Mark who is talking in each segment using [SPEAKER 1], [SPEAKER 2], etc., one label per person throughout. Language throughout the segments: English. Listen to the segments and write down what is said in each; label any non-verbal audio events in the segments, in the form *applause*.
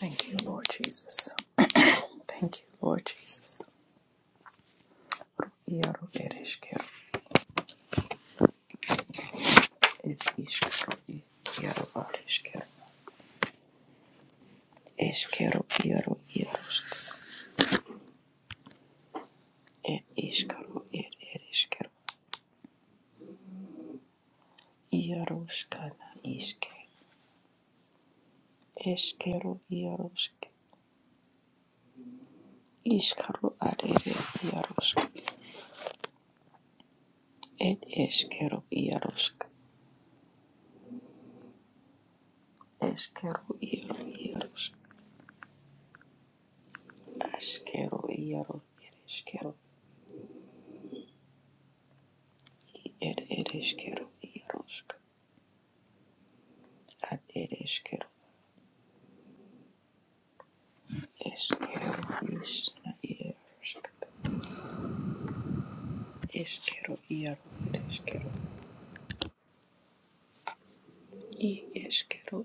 [SPEAKER 1] Thank you, Lord Jesus. Thank you, Lord Jesus. Yaro ereshkero, et ishkero, e- yaro areshkero, eshkero, yaro yaroshk, et ishkero, et ereshkero, yaroshkana ishke, eshkero, yaroshk, ishkero, ad ere, yaroshk, et eshkero, yaroshk, eshkero, yaro yaroshk, ashkero, yaro ereshkero, et ereshkero, yaroshk. Eskero isna iaroskata. Eskero iaro ere eskero. I eskero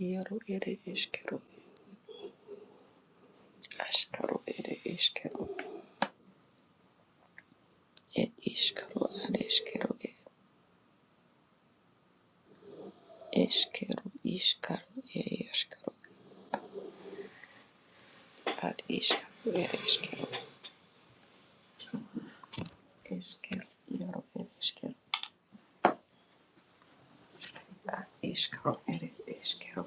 [SPEAKER 1] iaro ere eskero. Askaro ere eskero. et iskaro ad eskero e. Eskero iskaro e iaskaro. Ad iskaro ere eskero. Eskero iaro ere eskero. Ad iskaro ere eskero.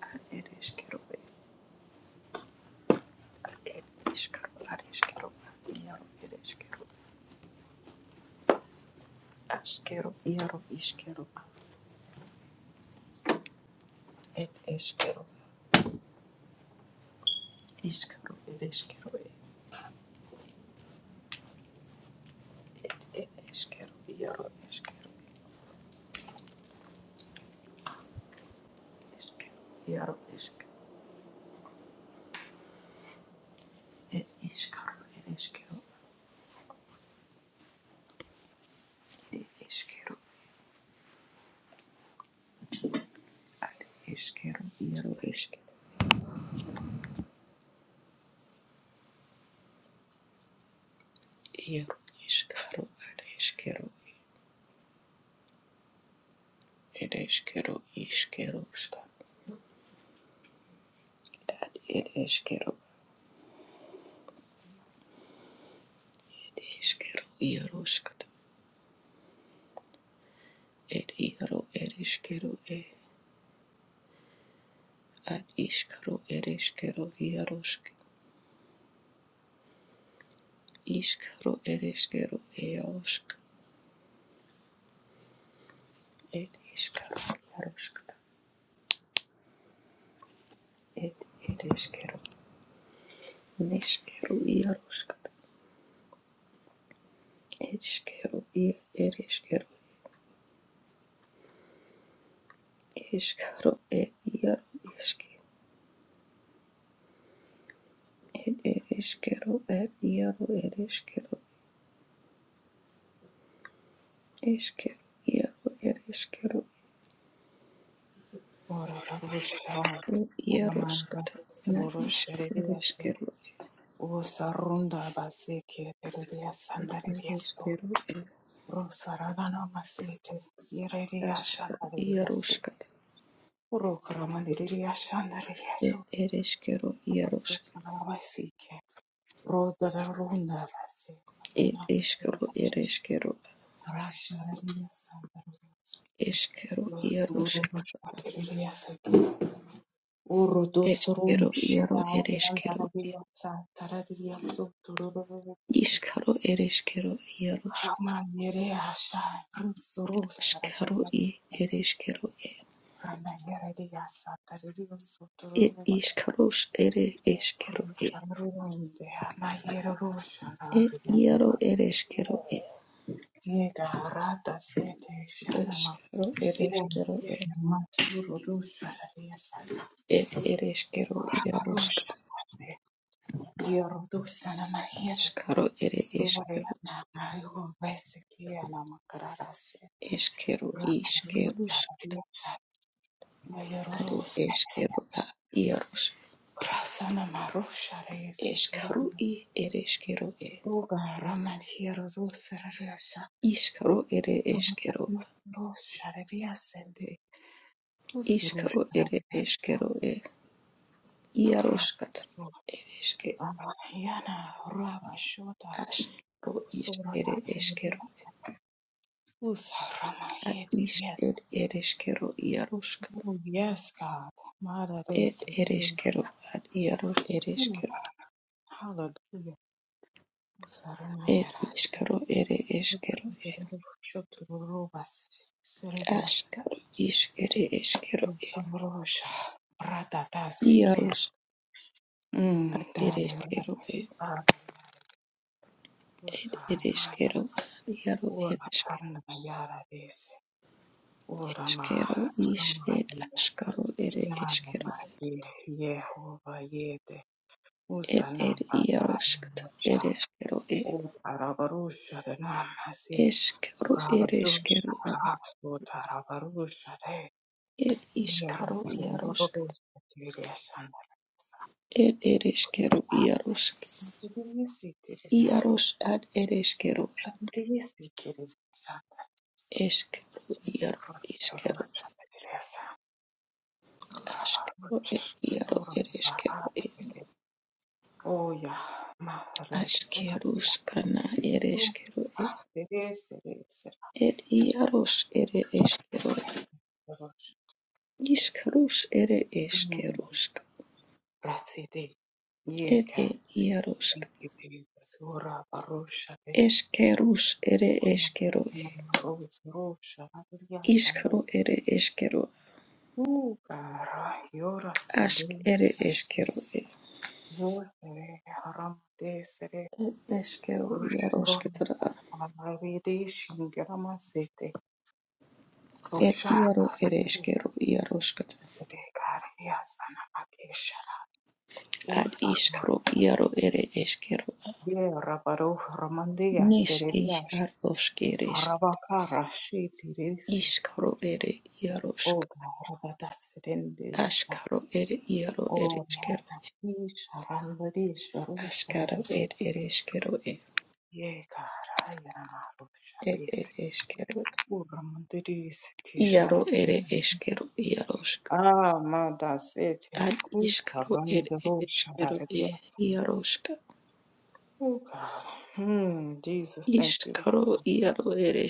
[SPEAKER 1] Ad ere eskero e. Ad ere iskaro ad eskero. Ad iaro ere eskero. Askero iaro iskero. It is kettle. Is kettle. It is kettle. It it is kettle. Yaro is kettle. It is kettle. Yaro is kettle. It is kettle. It is kettle. It is kettle. It is kettle. Yaro is kettle. Yaro is kettle. It is kettle. It is kettle. Is kettle. That it is kettle. It is kettle. Yaro is kettle. It yaro. It is kettle. It is kettle. It is kettle. Yaro is kettle. Iskaro ereskero eosk Ed iskero yaroskata. Ed ed iskero. Neskero yaroskata. Eskero ia ed iskero. Iskaro ed yaro iske. Ed ed iskero ed yaro ed iskero. Iskero yaro ed iskero.
[SPEAKER 2] Ora barushai,
[SPEAKER 1] Ed
[SPEAKER 2] aramara
[SPEAKER 1] yaroskata. Na
[SPEAKER 2] tsororo
[SPEAKER 1] iske ed
[SPEAKER 2] shereriase,
[SPEAKER 1] iskero.
[SPEAKER 2] osarunda baseke rereria
[SPEAKER 1] Ed
[SPEAKER 2] sandareriaso,
[SPEAKER 1] iskero ed
[SPEAKER 2] rosaragana masete, yereria shandareriaso,
[SPEAKER 1] yaroskata.
[SPEAKER 2] urokaramanderia shandareriaso,
[SPEAKER 1] Ed ed
[SPEAKER 2] amatso
[SPEAKER 1] yaroskata.
[SPEAKER 2] arabasike, rodararunda base,
[SPEAKER 1] Ed
[SPEAKER 2] aramara
[SPEAKER 1] iskero ed iskero.
[SPEAKER 2] arasharariasandareriaso, rosororo
[SPEAKER 1] yaroskata.
[SPEAKER 2] shandareriase, Uru
[SPEAKER 1] Eskero
[SPEAKER 2] dosrumish,
[SPEAKER 1] iaro
[SPEAKER 2] Urudusurumish
[SPEAKER 1] ereskero
[SPEAKER 2] Yandarabiosa Taradiasu Tururubasi
[SPEAKER 1] iskaro ereskero iaros
[SPEAKER 2] Ramanere Asha Rusuru
[SPEAKER 1] askaro
[SPEAKER 2] Sarabia
[SPEAKER 1] i ereskero e
[SPEAKER 2] Ramayeredia Satariosu
[SPEAKER 1] e
[SPEAKER 2] Turuba
[SPEAKER 1] iskaros ere eskero e
[SPEAKER 2] Rusharuinde Mayero
[SPEAKER 1] e
[SPEAKER 2] Rusharabia
[SPEAKER 1] iaro ereskero e
[SPEAKER 2] Diega Rata Sete Shanama
[SPEAKER 1] eskero ereskero e
[SPEAKER 2] Masurudusha Yasana
[SPEAKER 1] et ereskero iaros
[SPEAKER 2] Rusha Yorodusana
[SPEAKER 1] askaro ere eskero
[SPEAKER 2] Bibarerana nayo vaisikira namakararashe
[SPEAKER 1] eskero iskerus
[SPEAKER 2] rakarurutsa
[SPEAKER 1] are
[SPEAKER 2] vayororose
[SPEAKER 1] eskero a iaros
[SPEAKER 2] rasana marusha reisekere
[SPEAKER 1] eskaro i ereskero e
[SPEAKER 2] uga ramatiero rusarasha
[SPEAKER 1] iskaro ere eskero
[SPEAKER 2] rusha riasende uzurusha
[SPEAKER 1] Iskaro ere
[SPEAKER 2] rareba
[SPEAKER 1] eskero Yaroshkata
[SPEAKER 2] raba
[SPEAKER 1] ereshke
[SPEAKER 2] yana raba shota
[SPEAKER 1] ashkero ish
[SPEAKER 2] surata
[SPEAKER 1] ere
[SPEAKER 2] sebia
[SPEAKER 1] eshkero
[SPEAKER 2] usa rama
[SPEAKER 1] ad
[SPEAKER 2] yeti
[SPEAKER 1] ishk
[SPEAKER 2] yes
[SPEAKER 1] ed ereshkero yaroshka
[SPEAKER 2] oh yes god
[SPEAKER 1] ed
[SPEAKER 2] mara
[SPEAKER 1] ereshkero ad yarosh ereshkero
[SPEAKER 2] Hallelujah. Sarana
[SPEAKER 1] ed
[SPEAKER 2] yara.
[SPEAKER 1] ishkero ere eshkero ed
[SPEAKER 2] Shotororo basi. Serere as.
[SPEAKER 1] ashkaro ish ere eshkero ed
[SPEAKER 2] Samrosha. Ratata seke.
[SPEAKER 1] yarosh ad
[SPEAKER 2] Mm. Dare
[SPEAKER 1] ereshkero ed
[SPEAKER 2] rata.
[SPEAKER 1] ed
[SPEAKER 2] Usa Ura
[SPEAKER 1] ereshkero ad yaro
[SPEAKER 2] Ora
[SPEAKER 1] ereshkero
[SPEAKER 2] sarana yara desi. Ora ma.
[SPEAKER 1] eshkero ish
[SPEAKER 2] Ama
[SPEAKER 1] ed
[SPEAKER 2] yi.
[SPEAKER 1] ashkaro ere
[SPEAKER 2] Yana
[SPEAKER 1] eshkero
[SPEAKER 2] ma yi. Yehova yete.
[SPEAKER 1] ed
[SPEAKER 2] Usa na.
[SPEAKER 1] ed
[SPEAKER 2] Ata.
[SPEAKER 1] yaroshkata ereshkero ed
[SPEAKER 2] Ora barusha. Dana.
[SPEAKER 1] Eskero ed
[SPEAKER 2] Rabarusha,
[SPEAKER 1] eskero a.
[SPEAKER 2] Rasputa, Rabarusha, Re,
[SPEAKER 1] Ed iskaro iarosk.
[SPEAKER 2] Yarusha, Tirisana,
[SPEAKER 1] Ed ed eskero iarosk.
[SPEAKER 2] Tirisi, Tirinas,
[SPEAKER 1] Iaros ad ed eskero a.
[SPEAKER 2] and Tirisi, Tirisana,
[SPEAKER 1] Eskero iaro iskero
[SPEAKER 2] Rabarusha, Tirisa,
[SPEAKER 1] askero ed
[SPEAKER 2] Rabarusha,
[SPEAKER 1] iaro
[SPEAKER 2] Tura,
[SPEAKER 1] ed eskero ed.
[SPEAKER 2] Rabarusha, Oya, Mahara,
[SPEAKER 1] Askerus kana ed
[SPEAKER 2] Yarusha,
[SPEAKER 1] eskero ed.
[SPEAKER 2] Tirisi, Tirisi,
[SPEAKER 1] Ed iaros ed
[SPEAKER 2] Rabarusha,
[SPEAKER 1] eskero. Iskarus ed eskerusk.
[SPEAKER 2] Rasidi,
[SPEAKER 1] Ed
[SPEAKER 2] Yeka,
[SPEAKER 1] ed iarosk.
[SPEAKER 2] thank you, Jesus, Ura, Barusha,
[SPEAKER 1] Eskerus ed eskero.
[SPEAKER 2] Rose Rosha Hallelujah Sandra
[SPEAKER 1] Iskaro ere eskero
[SPEAKER 2] Ooh Gara Yora
[SPEAKER 1] Ask
[SPEAKER 2] Sende
[SPEAKER 1] ere eskero e
[SPEAKER 2] Yohere
[SPEAKER 1] e- eskero
[SPEAKER 2] Rushron
[SPEAKER 1] iaroskatara.
[SPEAKER 2] Hamarvide Shingrama Sete
[SPEAKER 1] Et
[SPEAKER 2] Rosha
[SPEAKER 1] iaro ere eskero iaroskatara.
[SPEAKER 2] Yadre Sana Akesha
[SPEAKER 1] Ad
[SPEAKER 2] Ursa
[SPEAKER 1] iskaro iaro ere eskero a.
[SPEAKER 2] Ye Rabaro Ramandia
[SPEAKER 1] Nis is
[SPEAKER 2] Sereliash
[SPEAKER 1] ar oskeres.
[SPEAKER 2] Rabakara Shiti Resi
[SPEAKER 1] Iskaro ere iarosk.
[SPEAKER 2] O Garabata Serende Yasa
[SPEAKER 1] Askaro ere iaro ere
[SPEAKER 2] O
[SPEAKER 1] eskero.
[SPEAKER 2] Yahi Sharan
[SPEAKER 1] Askaro ere ere eskero e.
[SPEAKER 2] yekarayararusha
[SPEAKER 1] Et ere
[SPEAKER 2] bisekura
[SPEAKER 1] eskero.
[SPEAKER 2] mundirisi
[SPEAKER 1] Iaro ere
[SPEAKER 2] kisharatunda
[SPEAKER 1] eskero iarosk.
[SPEAKER 2] amadasete
[SPEAKER 1] Ad iskaro ere ere eskero e
[SPEAKER 2] kukarandorosharariyatsambere
[SPEAKER 1] iarosk.
[SPEAKER 2] kukara Hmm, Jesus, thank you.
[SPEAKER 1] Ishkaro iaro er e. er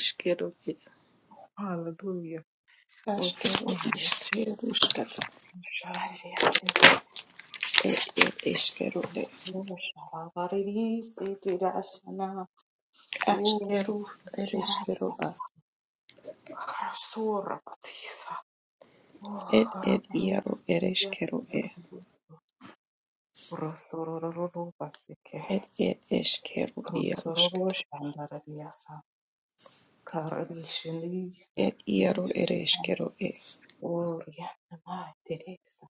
[SPEAKER 2] Hallelujah. Was
[SPEAKER 1] askero ishkero skata
[SPEAKER 2] shara rebia sete
[SPEAKER 1] er er eskero e.
[SPEAKER 2] kura shara bariri sete dashana. Oh,
[SPEAKER 1] askero er
[SPEAKER 2] shara
[SPEAKER 1] eskero a
[SPEAKER 2] rasura batisa.
[SPEAKER 1] er er
[SPEAKER 2] oh,
[SPEAKER 1] iaro er eskero e
[SPEAKER 2] Rosoro basike.
[SPEAKER 1] er er eskero iaro
[SPEAKER 2] Kotorobo
[SPEAKER 1] skata
[SPEAKER 2] shandarabiyasa karabishindiga
[SPEAKER 1] er iaro er eskero e
[SPEAKER 2] Oriana Teresa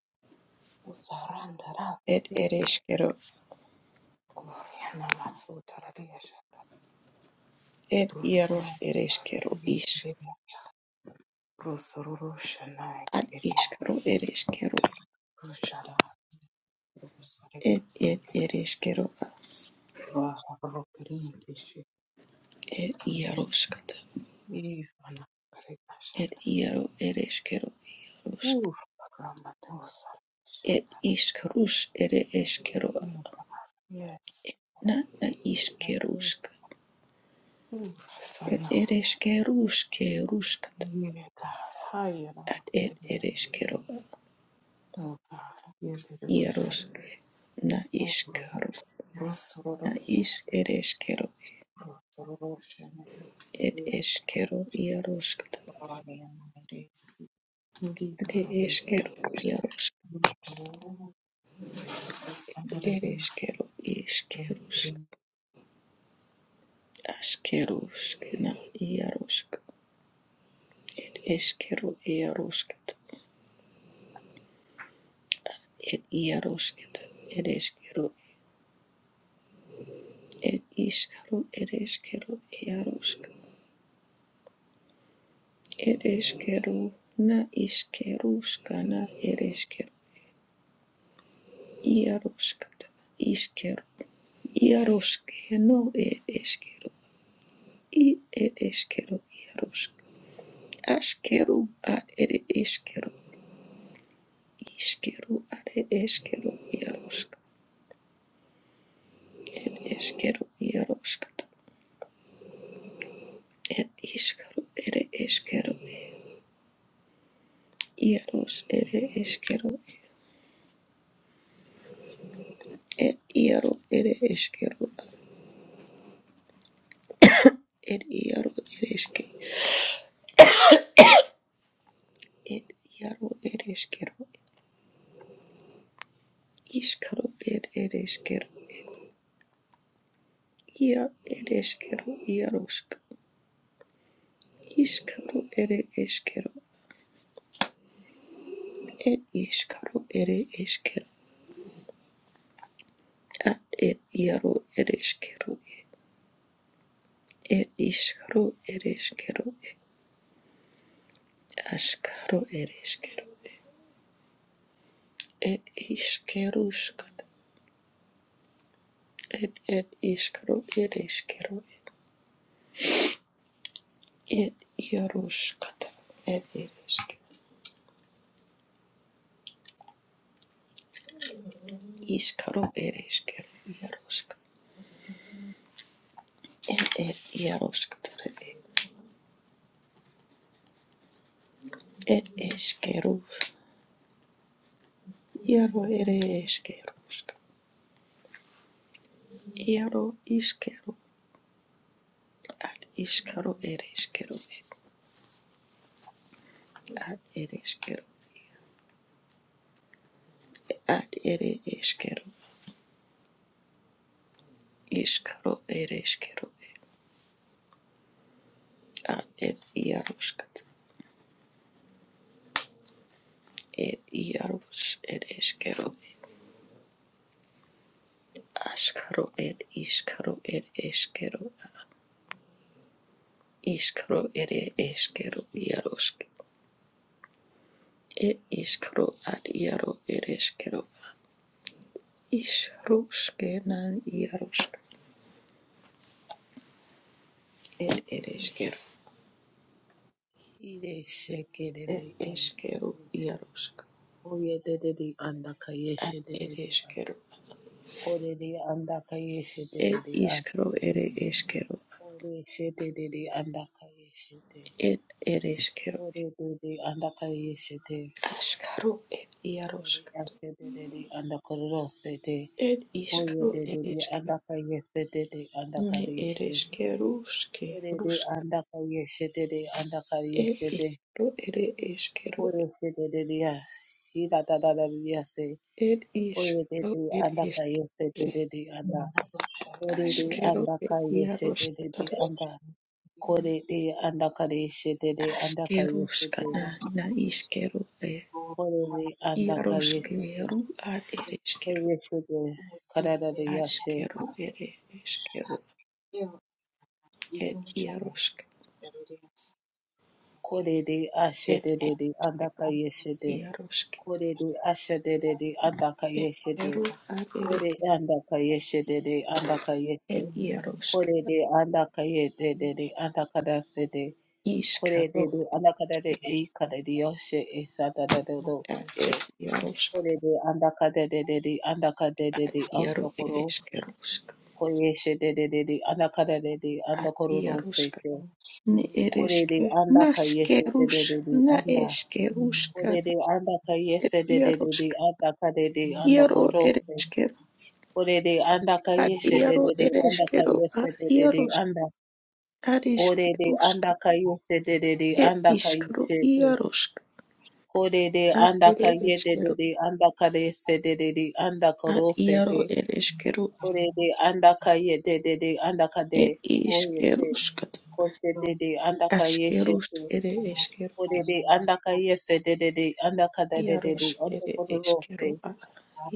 [SPEAKER 2] Usaranda
[SPEAKER 1] er
[SPEAKER 2] Rabasi
[SPEAKER 1] er
[SPEAKER 2] Oriana Masutararia Shanda
[SPEAKER 1] er iaro
[SPEAKER 2] Rusano
[SPEAKER 1] er eskero is
[SPEAKER 2] Yirina Rusororo Shana
[SPEAKER 1] ad
[SPEAKER 2] Yirisi
[SPEAKER 1] iskaro er eskero
[SPEAKER 2] Rushara
[SPEAKER 1] er
[SPEAKER 2] Rusarisi
[SPEAKER 1] er er eskero a
[SPEAKER 2] Rara Rokarindishi
[SPEAKER 1] er iaro skata
[SPEAKER 2] Ivana Karina
[SPEAKER 1] er
[SPEAKER 2] Shanda
[SPEAKER 1] iaro er
[SPEAKER 2] Uf Ramatosa
[SPEAKER 1] It
[SPEAKER 2] Shanda
[SPEAKER 1] iskerus, it iskero,
[SPEAKER 2] Yes
[SPEAKER 1] na na
[SPEAKER 2] yes.
[SPEAKER 1] iskeruska.
[SPEAKER 2] Ooh,
[SPEAKER 1] it
[SPEAKER 2] son of
[SPEAKER 1] it iskerusk, ruskat,
[SPEAKER 2] yeah, God. Hi, and I'm
[SPEAKER 1] at it
[SPEAKER 2] you.
[SPEAKER 1] it iskero,
[SPEAKER 2] Oh, God. Yes, it is.
[SPEAKER 1] ierusk, na
[SPEAKER 2] Oh, God.
[SPEAKER 1] iskero,
[SPEAKER 2] Yes, Lord,
[SPEAKER 1] na
[SPEAKER 2] oh,
[SPEAKER 1] is it iskero,
[SPEAKER 2] God. Oh, oh, I'm
[SPEAKER 1] it
[SPEAKER 2] you.
[SPEAKER 1] iskero, ieruskat,
[SPEAKER 2] Oh, I am ready. Indeed,
[SPEAKER 1] at
[SPEAKER 2] God,
[SPEAKER 1] it
[SPEAKER 2] I'll
[SPEAKER 1] iskero, ierusk,
[SPEAKER 2] Oh, yes, I'm gonna
[SPEAKER 1] it
[SPEAKER 2] be- a
[SPEAKER 1] iskero,
[SPEAKER 2] fool.
[SPEAKER 1] iskerusk,
[SPEAKER 2] You
[SPEAKER 1] askerusk, na ierusk, it iskero, ieruskat, it ieruskat, it iskero, Ed ishkaru, ed ishkeru, iarushka. Ed ishkeru, na ishkerushka, na ed ishkeru, iarushkata, ishkeru, iarushke, no ed ishkeru, i ed ishkeru, iarushka. Ashkeru, ad ed ishkeru, ishkeru, ad ed ishkeru, iarushka. Ed ishkeru, iarushkata, ed ishkaru, ed ishkeru, iarush, ed ishkeru, ed iaru, ed ishkeru, ed iaro ereshke ed iaro ereshkero ishkaro ed ereshkero ia ereshkero iaroshk ishkaro ere eshkero ed ishkaro ere eshkero ad ed iaro ereshkero ed ishkaro ereshkero ashkaro ereshkero ed ishkerushkat ed iskeruskat ed ishkaro ereshkero ed iaroshkat ed ereshkero Iskaro er eskero iaroska. Er er iaroska tere er. Er eskero. Iaro ere eskeroska. Iaro iskero. Ad iskaro er eskero. Ad er eskero. Ad ere eskero. Iskaro er eskero. Ad er iaroska. Er iaros er eskero. Askaro er iskaro er eskero. Iskaro ere eskero iaroska. It is kro ad iaro it is kero is ruske nan iarusk, It it is kero
[SPEAKER 3] Kireshekerere
[SPEAKER 1] it is
[SPEAKER 3] anda
[SPEAKER 1] kero
[SPEAKER 3] koyeshe
[SPEAKER 1] iarosk.
[SPEAKER 3] koyededede anda
[SPEAKER 1] Ad
[SPEAKER 3] kayeshe
[SPEAKER 1] it
[SPEAKER 3] dedede
[SPEAKER 1] is
[SPEAKER 3] anda
[SPEAKER 1] kero
[SPEAKER 3] korere anda kayeshe
[SPEAKER 1] it
[SPEAKER 3] dedede anda
[SPEAKER 1] is kro it is kero
[SPEAKER 3] koreshe dedede anda kayeshe de
[SPEAKER 1] it it is kero
[SPEAKER 3] koredede anda kayeshe de
[SPEAKER 1] askaro it iarosk.
[SPEAKER 3] andere ase dedede anda korose de
[SPEAKER 1] It is kro it
[SPEAKER 3] koyededede
[SPEAKER 1] is kero
[SPEAKER 3] anda kayeshe dede anda
[SPEAKER 1] ne it
[SPEAKER 3] kareshe
[SPEAKER 1] is keruske
[SPEAKER 3] korede
[SPEAKER 1] ruska.
[SPEAKER 3] anda kayeshe dede anda kareshe
[SPEAKER 1] It is
[SPEAKER 3] de
[SPEAKER 1] kro it is kero
[SPEAKER 3] koreshe dedede ya hira dadada yase
[SPEAKER 1] it is
[SPEAKER 3] Ore de
[SPEAKER 1] kro
[SPEAKER 3] de
[SPEAKER 1] it
[SPEAKER 3] anda
[SPEAKER 1] is
[SPEAKER 3] kayese
[SPEAKER 1] kero
[SPEAKER 3] de de de anda.
[SPEAKER 2] know, I'm gonna be-
[SPEAKER 3] Ore de
[SPEAKER 2] Yes,
[SPEAKER 1] askero
[SPEAKER 3] anda
[SPEAKER 1] it
[SPEAKER 3] kayese de de de
[SPEAKER 1] iarosk.
[SPEAKER 3] anda. Kore de anda kayese de de anda kayese de.
[SPEAKER 1] Askeruskana na iskeru e
[SPEAKER 2] Lord,
[SPEAKER 3] Kore
[SPEAKER 2] I'm
[SPEAKER 3] de anda kayese de.
[SPEAKER 1] iaroskero ad ereskeru
[SPEAKER 3] Kore se de
[SPEAKER 2] be
[SPEAKER 3] karada de yashe.
[SPEAKER 1] askeru ere eskeru
[SPEAKER 2] here.
[SPEAKER 1] ed
[SPEAKER 2] You shall have
[SPEAKER 1] iarosk
[SPEAKER 2] it. Yes,
[SPEAKER 3] Kore de ashe
[SPEAKER 1] ed
[SPEAKER 3] de de de anda
[SPEAKER 1] ereskeru
[SPEAKER 3] kayese de.
[SPEAKER 1] iarosk
[SPEAKER 3] Kore de ashe de de de anda kayese de.
[SPEAKER 1] eskeru ad ere
[SPEAKER 3] Kore anda kayese de de anda kayese.
[SPEAKER 1] ed iarosk
[SPEAKER 3] Kore de anda kayese de de de anda kara se de. Kore de
[SPEAKER 1] iskaro eskeru
[SPEAKER 3] do anakada de e kada de yoshe e sada da do do
[SPEAKER 1] ad
[SPEAKER 3] use.
[SPEAKER 1] ed iarosk
[SPEAKER 3] Kore de andakada de de de andakada de de
[SPEAKER 1] iaro
[SPEAKER 3] anto koro use.
[SPEAKER 1] ereskerusk
[SPEAKER 3] Koyeshe de de de de anakada de de
[SPEAKER 1] ad
[SPEAKER 3] andakoro ro use
[SPEAKER 1] iarosk
[SPEAKER 3] ke.
[SPEAKER 1] ne
[SPEAKER 3] Kore de
[SPEAKER 1] ereske
[SPEAKER 3] andaka yeshe de
[SPEAKER 1] naskerus
[SPEAKER 3] de de de
[SPEAKER 1] na
[SPEAKER 3] anda. Kore
[SPEAKER 1] eskeruskana
[SPEAKER 3] de andaka
[SPEAKER 1] ed
[SPEAKER 3] yeshe de de de de
[SPEAKER 1] iarosk
[SPEAKER 3] andaka de de andakoro use.
[SPEAKER 1] iaro
[SPEAKER 3] Kore de andaka
[SPEAKER 1] Ad
[SPEAKER 3] yeshe de
[SPEAKER 1] iaro
[SPEAKER 3] de de andaka
[SPEAKER 1] ereskero, ad
[SPEAKER 3] yeshe de de de
[SPEAKER 1] iaros,
[SPEAKER 3] anda.
[SPEAKER 1] ad
[SPEAKER 3] Ore de
[SPEAKER 1] iskerusk,
[SPEAKER 3] andaka yeshe de de de
[SPEAKER 1] et
[SPEAKER 3] andaka
[SPEAKER 1] iskro
[SPEAKER 3] yeshe.
[SPEAKER 1] iarosk,
[SPEAKER 3] Kore de
[SPEAKER 1] ad
[SPEAKER 3] andaka
[SPEAKER 1] ere
[SPEAKER 3] yede de
[SPEAKER 1] eskero,
[SPEAKER 3] de andaka de se de de de andaka
[SPEAKER 1] ad
[SPEAKER 3] ro se de.
[SPEAKER 1] iaro ereskero,
[SPEAKER 3] Kore de andaka yede de de andaka de.
[SPEAKER 1] et
[SPEAKER 3] Kore de
[SPEAKER 1] iskeruskat,
[SPEAKER 3] kose de
[SPEAKER 2] Lord,
[SPEAKER 3] de andaka yeshe
[SPEAKER 1] askerus
[SPEAKER 3] de.
[SPEAKER 1] ere eskero,
[SPEAKER 3] Kore
[SPEAKER 1] et
[SPEAKER 3] de andaka yese de de de andaka de de de
[SPEAKER 1] iaros
[SPEAKER 3] de
[SPEAKER 1] ere
[SPEAKER 3] andaka ro se.
[SPEAKER 1] eskero, a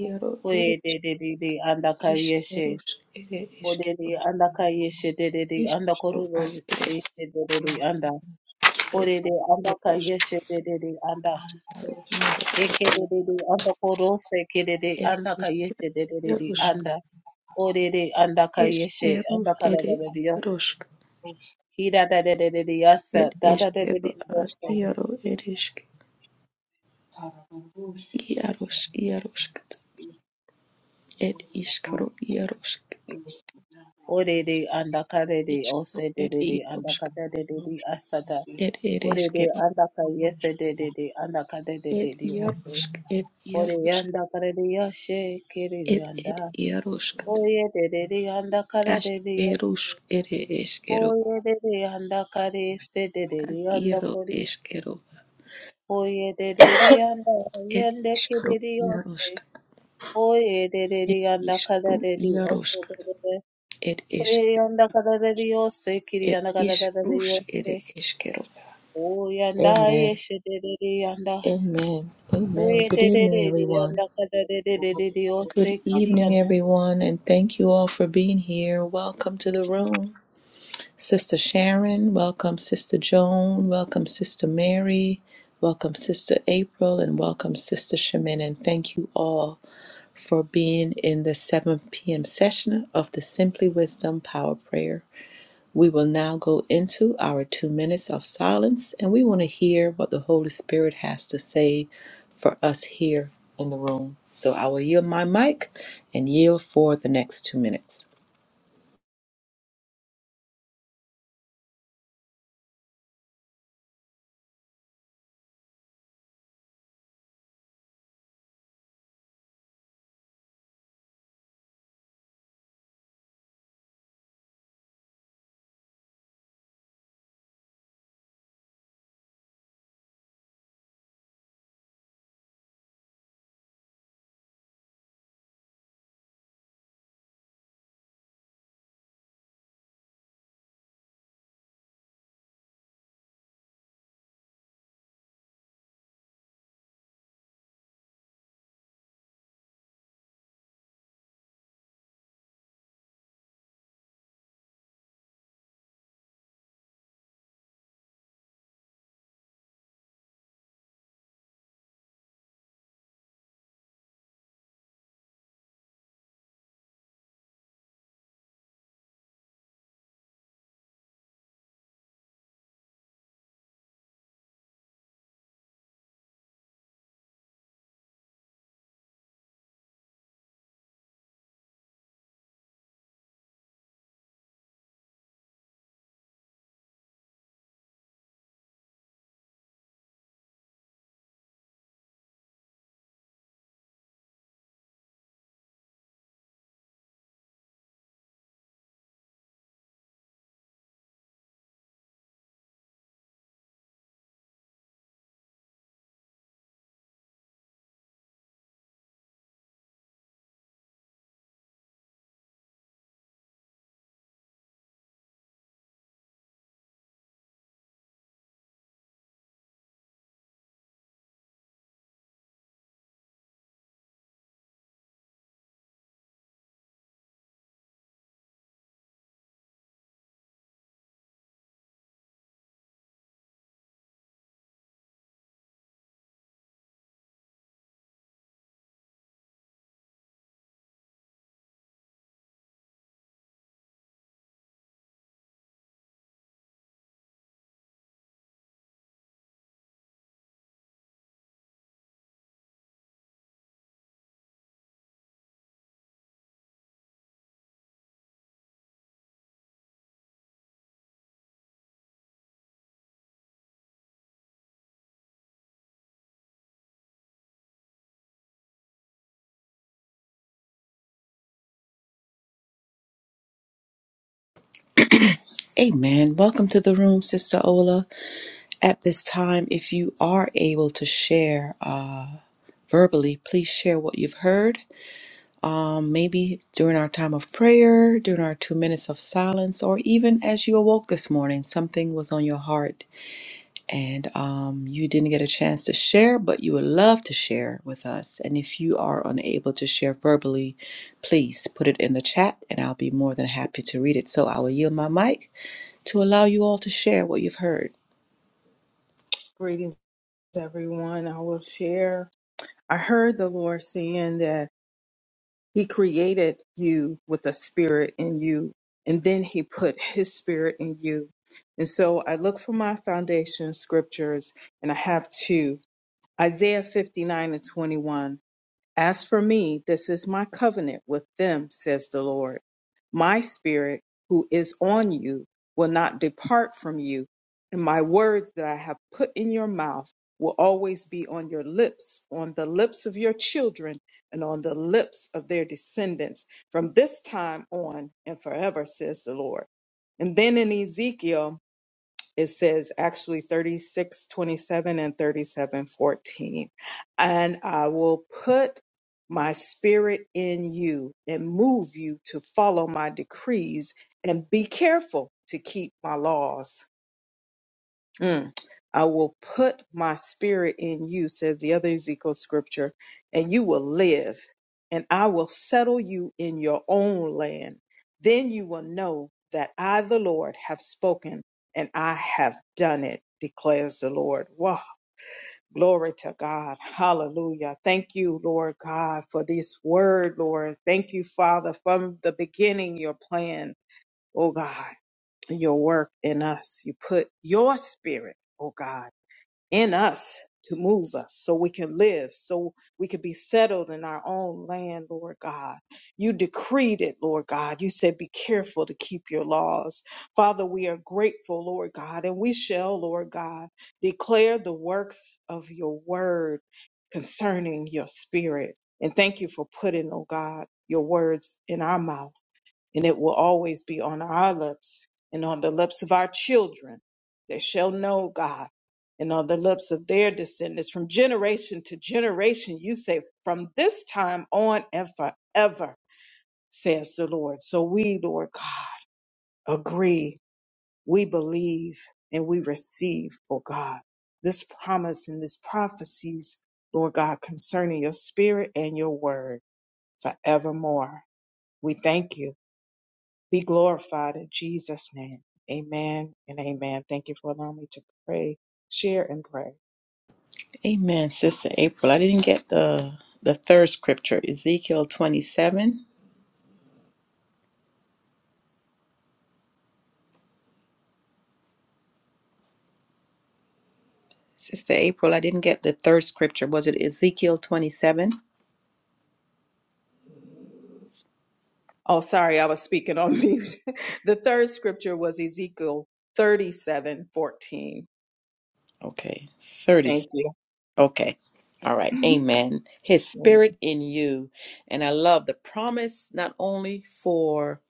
[SPEAKER 1] iaro
[SPEAKER 3] Kore
[SPEAKER 1] ere
[SPEAKER 3] de de de de andaka yeshe.
[SPEAKER 1] iskerus ere
[SPEAKER 3] Kore de
[SPEAKER 1] eskero,
[SPEAKER 3] andaka yeshe de de de andaka
[SPEAKER 1] iskro
[SPEAKER 3] ro
[SPEAKER 1] ad ere
[SPEAKER 3] yeshe de de de
[SPEAKER 2] I'm gonna be
[SPEAKER 3] anda.
[SPEAKER 1] eskeros,
[SPEAKER 3] Kore de
[SPEAKER 2] in
[SPEAKER 3] andaka
[SPEAKER 1] iaro
[SPEAKER 3] yeshe de de de anda.
[SPEAKER 2] You shall have
[SPEAKER 1] iaro,
[SPEAKER 2] it.
[SPEAKER 3] Ekelelele anda korose kelele
[SPEAKER 1] et
[SPEAKER 3] anda kayeshe delelele
[SPEAKER 1] iskerusk,
[SPEAKER 3] anda orere anda kayeshe
[SPEAKER 1] eskerus
[SPEAKER 3] anda
[SPEAKER 1] ere
[SPEAKER 3] kalababeli yose
[SPEAKER 1] iarosk.
[SPEAKER 2] is. You shall
[SPEAKER 3] hira delelele yasa
[SPEAKER 1] Ed
[SPEAKER 3] dada
[SPEAKER 1] eskero
[SPEAKER 3] delelele
[SPEAKER 1] ad
[SPEAKER 3] yose
[SPEAKER 1] iaro ed esk
[SPEAKER 2] Harabarushi bose
[SPEAKER 1] iaros iarosk ed
[SPEAKER 2] bose
[SPEAKER 1] iskaro iarosk
[SPEAKER 2] bose
[SPEAKER 3] orere
[SPEAKER 2] n'abantu
[SPEAKER 3] anda karere
[SPEAKER 1] iskaro
[SPEAKER 3] ose
[SPEAKER 1] ed
[SPEAKER 3] delele anda
[SPEAKER 1] iarosk
[SPEAKER 3] kadelelele
[SPEAKER 2] n'ubundi
[SPEAKER 3] asata
[SPEAKER 1] ed ed
[SPEAKER 3] orere
[SPEAKER 1] eskero
[SPEAKER 3] anda kayese delele anda
[SPEAKER 1] ed
[SPEAKER 3] kadelelele ose
[SPEAKER 1] iarosk ed
[SPEAKER 3] ore
[SPEAKER 1] iarosk
[SPEAKER 3] anda karere yashe kelele
[SPEAKER 1] ed
[SPEAKER 3] anda
[SPEAKER 1] ed iarosk
[SPEAKER 3] oye delele anda karere
[SPEAKER 1] askeros
[SPEAKER 3] yose
[SPEAKER 1] ed eskero
[SPEAKER 3] Oye de Oyerere anda kare se de de de
[SPEAKER 1] ad
[SPEAKER 3] anda
[SPEAKER 1] iaro
[SPEAKER 3] kori.
[SPEAKER 1] eskero
[SPEAKER 3] Oye de kore. Oyerere yanda
[SPEAKER 1] ed
[SPEAKER 3] yende
[SPEAKER 1] iskaro
[SPEAKER 3] kerere yose.
[SPEAKER 1] iarosk
[SPEAKER 3] Oyerere
[SPEAKER 1] ed iskaro
[SPEAKER 3] de de
[SPEAKER 1] iarosk
[SPEAKER 3] osodorere.
[SPEAKER 1] ed
[SPEAKER 3] Kore
[SPEAKER 1] esk
[SPEAKER 3] yanda kararere yose kiri
[SPEAKER 1] ed
[SPEAKER 3] anda yanda kararere
[SPEAKER 1] iskrus ed
[SPEAKER 3] yose.
[SPEAKER 1] eskero
[SPEAKER 3] anda
[SPEAKER 1] Amen.
[SPEAKER 3] yeshe de de de anda.
[SPEAKER 1] Amen. Amen.
[SPEAKER 3] Oye
[SPEAKER 1] Good
[SPEAKER 3] de de
[SPEAKER 1] evening,
[SPEAKER 3] de
[SPEAKER 1] everyone.
[SPEAKER 3] anda kada de de de de yose
[SPEAKER 1] Good
[SPEAKER 3] kiri
[SPEAKER 1] evening, everyone, and thank you all for being here. Welcome to the room. Sister Sharon, welcome, Sister Joan, welcome, Sister Mary, welcome, Sister April, and welcome, Sister Shemin. And thank you all for being in the 7 p.m. session of the Simply Wisdom Power Prayer. We will now go into our two minutes of silence and we want to hear what the Holy Spirit has to say for us here in the room. So I will yield my mic and yield for the next two minutes. Amen. Welcome to the room, Sister Ola. At this time, if you are able to share uh, verbally, please share what you've heard. Um, maybe during our time of prayer, during our two minutes of silence, or even as you awoke this morning, something was on your heart and um, you didn't get a chance to share, but you would love to share with us. And if you are unable to share verbally, please put it in the chat and I'll be more than happy to read it. So I will yield my mic to allow you all to share what you've heard.
[SPEAKER 2] Greetings, everyone. I will share. I heard the Lord saying that He created you with a spirit in you, and then He put His spirit in you. And so I look for my foundation scriptures, and I have two Isaiah 59 and 21. As for me, this is my covenant with them, says the Lord. My spirit, who is on you, will not depart from you, and my words that I have put in your mouth will always be on your lips, on the lips of your children, and on the lips of their descendants from this time on and forever, says the Lord. And then in Ezekiel, it says actually 36, 27, and 37, 14. and i will put my spirit in you and move you to follow my decrees and be careful to keep my laws Mm. I will put my spirit in you, says the other Ezekiel scripture, and you will live, and I will settle you in your own land. Then you will know that I, the Lord, have spoken and I have done it, declares the Lord. Wow. Glory to God. Hallelujah. Thank you, Lord God, for this word, Lord. Thank you, Father, from the beginning, your plan, oh God, your work in us. You put your spirit, oh God in us to move us so we can live, so we can be settled in our own land, Lord God. You decreed it, Lord God. You said, be careful to keep your laws. Father, we are grateful, Lord God, and we shall, Lord God, declare the works of your word concerning your spirit. And thank you for putting, oh God, your words in our mouth and it will always be on our lips and on the lips of our children that shall know God and on the lips of their descendants from generation to generation. You say, from this time on and forever, says the Lord. So we, Lord God, agree, we believe, and we receive, O God, this promise and these prophecies, Lord God, concerning your spirit and your word forevermore. We thank you be glorified in Jesus' name. Amen and amen. Thank you for allowing me to pray, share, and pray.
[SPEAKER 1] Amen, Sister April. I didn't get the the third scripture, Ezekiel 27. Sister April, I didn't get the third scripture. Was it Ezekiel 27?
[SPEAKER 2] Oh, sorry, I was speaking on *laughs* mute. the third scripture was Ezekiel thirty-seven fourteen.
[SPEAKER 1] Okay,
[SPEAKER 2] Thank you.
[SPEAKER 1] Okay. All right.
[SPEAKER 2] *laughs*
[SPEAKER 1] Amen. His
[SPEAKER 2] Amen.
[SPEAKER 1] spirit in you. And I love the promise not only for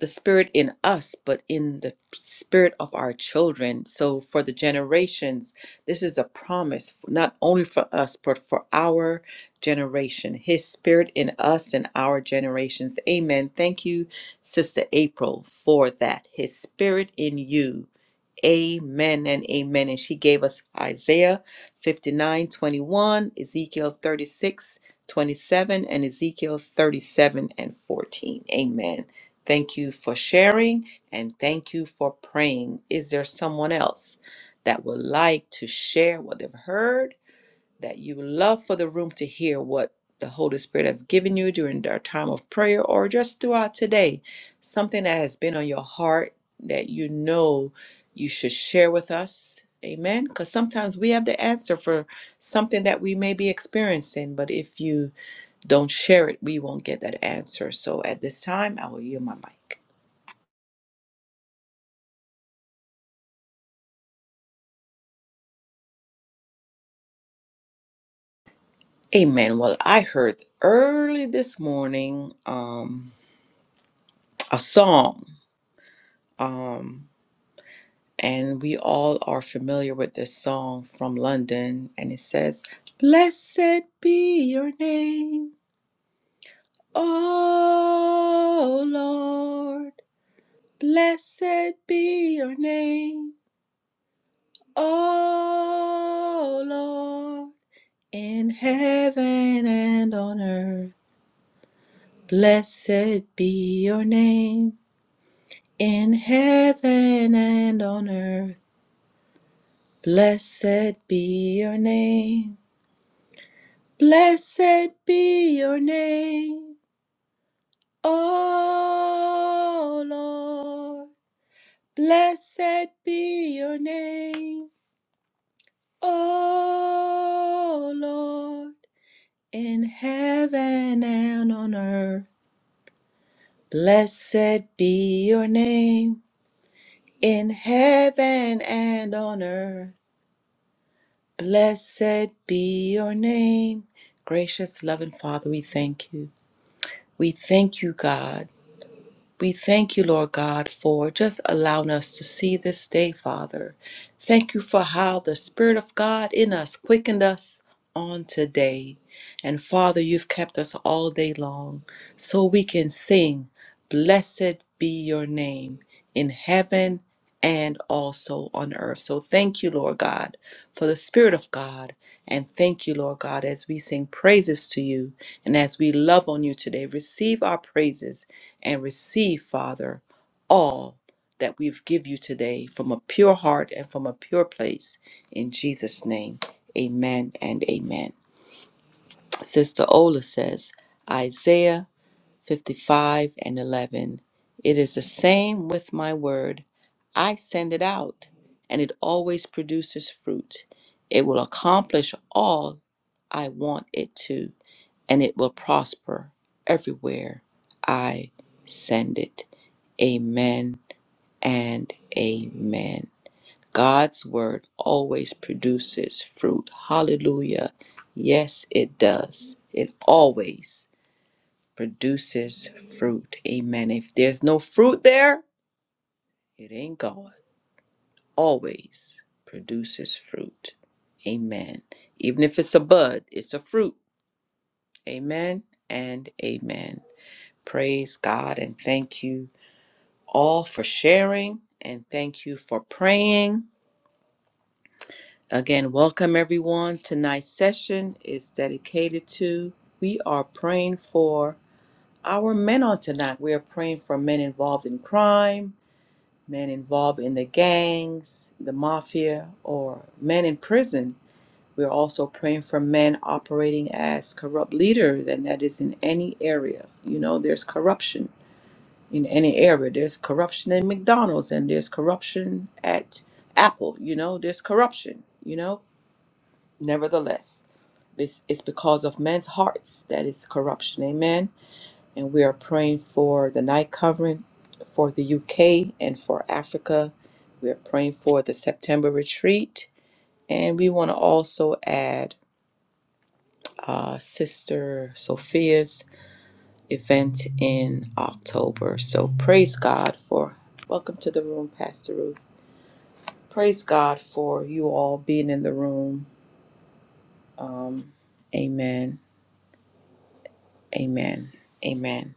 [SPEAKER 1] the spirit in us, but in the spirit of our children. So for the generations, this is a promise f- not only for us, but for our generation. His spirit in us and our generations. Amen. Thank you, Sister April, for that. His spirit in you. Amen and amen. And she gave us Isaiah 59 21, Ezekiel 36 27, and Ezekiel 37 and 14. Amen. Thank you for sharing and thank you for praying. Is there someone else that would like to share what they've heard? that you would love for the room to hear what the Holy Spirit has given you during our time of prayer or just throughout today, something that has been on your heart that you know you should share with us. Amen. Because sometimes we have the answer for something that we may be experiencing, but if you don't share it, we won't get that answer. So at this time, I will yield my mic. Amen. Well, I heard early this morning um, a song. Um, and we all are familiar with this song from London, and it says, Blessed be your name, O Lord. Blessed be your name, O Lord. In heaven and on earth, blessed be your name. In heaven and on earth, blessed be your name. Blessed be your name, O Lord. Blessed be your name, O Lord. In heaven and on earth, blessed be your name. In heaven and on earth, blessed be your name. Gracious, loving Father, we thank you. We thank you, God We thank you, Lord God, for just allowing us to see this day, Father. Thank you for how the Spirit of God in us quickened us on today. And Father, you've kept us all day long so we can sing, Blessed be your name in heaven and also on earth. So thank you, Lord God, for the Spirit of God. And thank you, Lord God, as we sing praises to you and as we love on you today. Receive our praises and receive, Father, all that we've give you today from a pure heart and from a pure place. In Jesus' name, amen and amen. Sister Ola says, Isaiah 55 and 11, it is the same with my word. I send it out, and it always produces fruit. It will accomplish all I want it to and it will prosper everywhere I send it. Amen and amen. God's word always produces fruit. Hallelujah. Yes, it does. It always produces fruit. Amen. If there's no fruit there, it ain't God. Always produces fruit. Amen. Even if it's a bud, it's a fruit. Amen and amen. Praise God and thank you all for sharing and thank you for praying. Again, welcome everyone. Tonight's session is dedicated to we are praying for our men on tonight. We are praying for men involved in crime, men involved in the gangs, the mafia, or men in prison. We are also praying for men operating as corrupt leaders, and that is in any area. You know, there's corruption in any area. There's corruption in McDonald's and there's corruption at Apple, you know, there's corruption, you know. Nevertheless, this is because of men's hearts that is corruption. Amen. And we are praying for the night covering for the UK and for Africa. We are praying for the September retreat. And we want to also add uh, Sister Sophia's event in October. So praise God for welcome to the room, Pastor Ruth. Praise God for you all being in the room. Um, amen. Amen. Amen.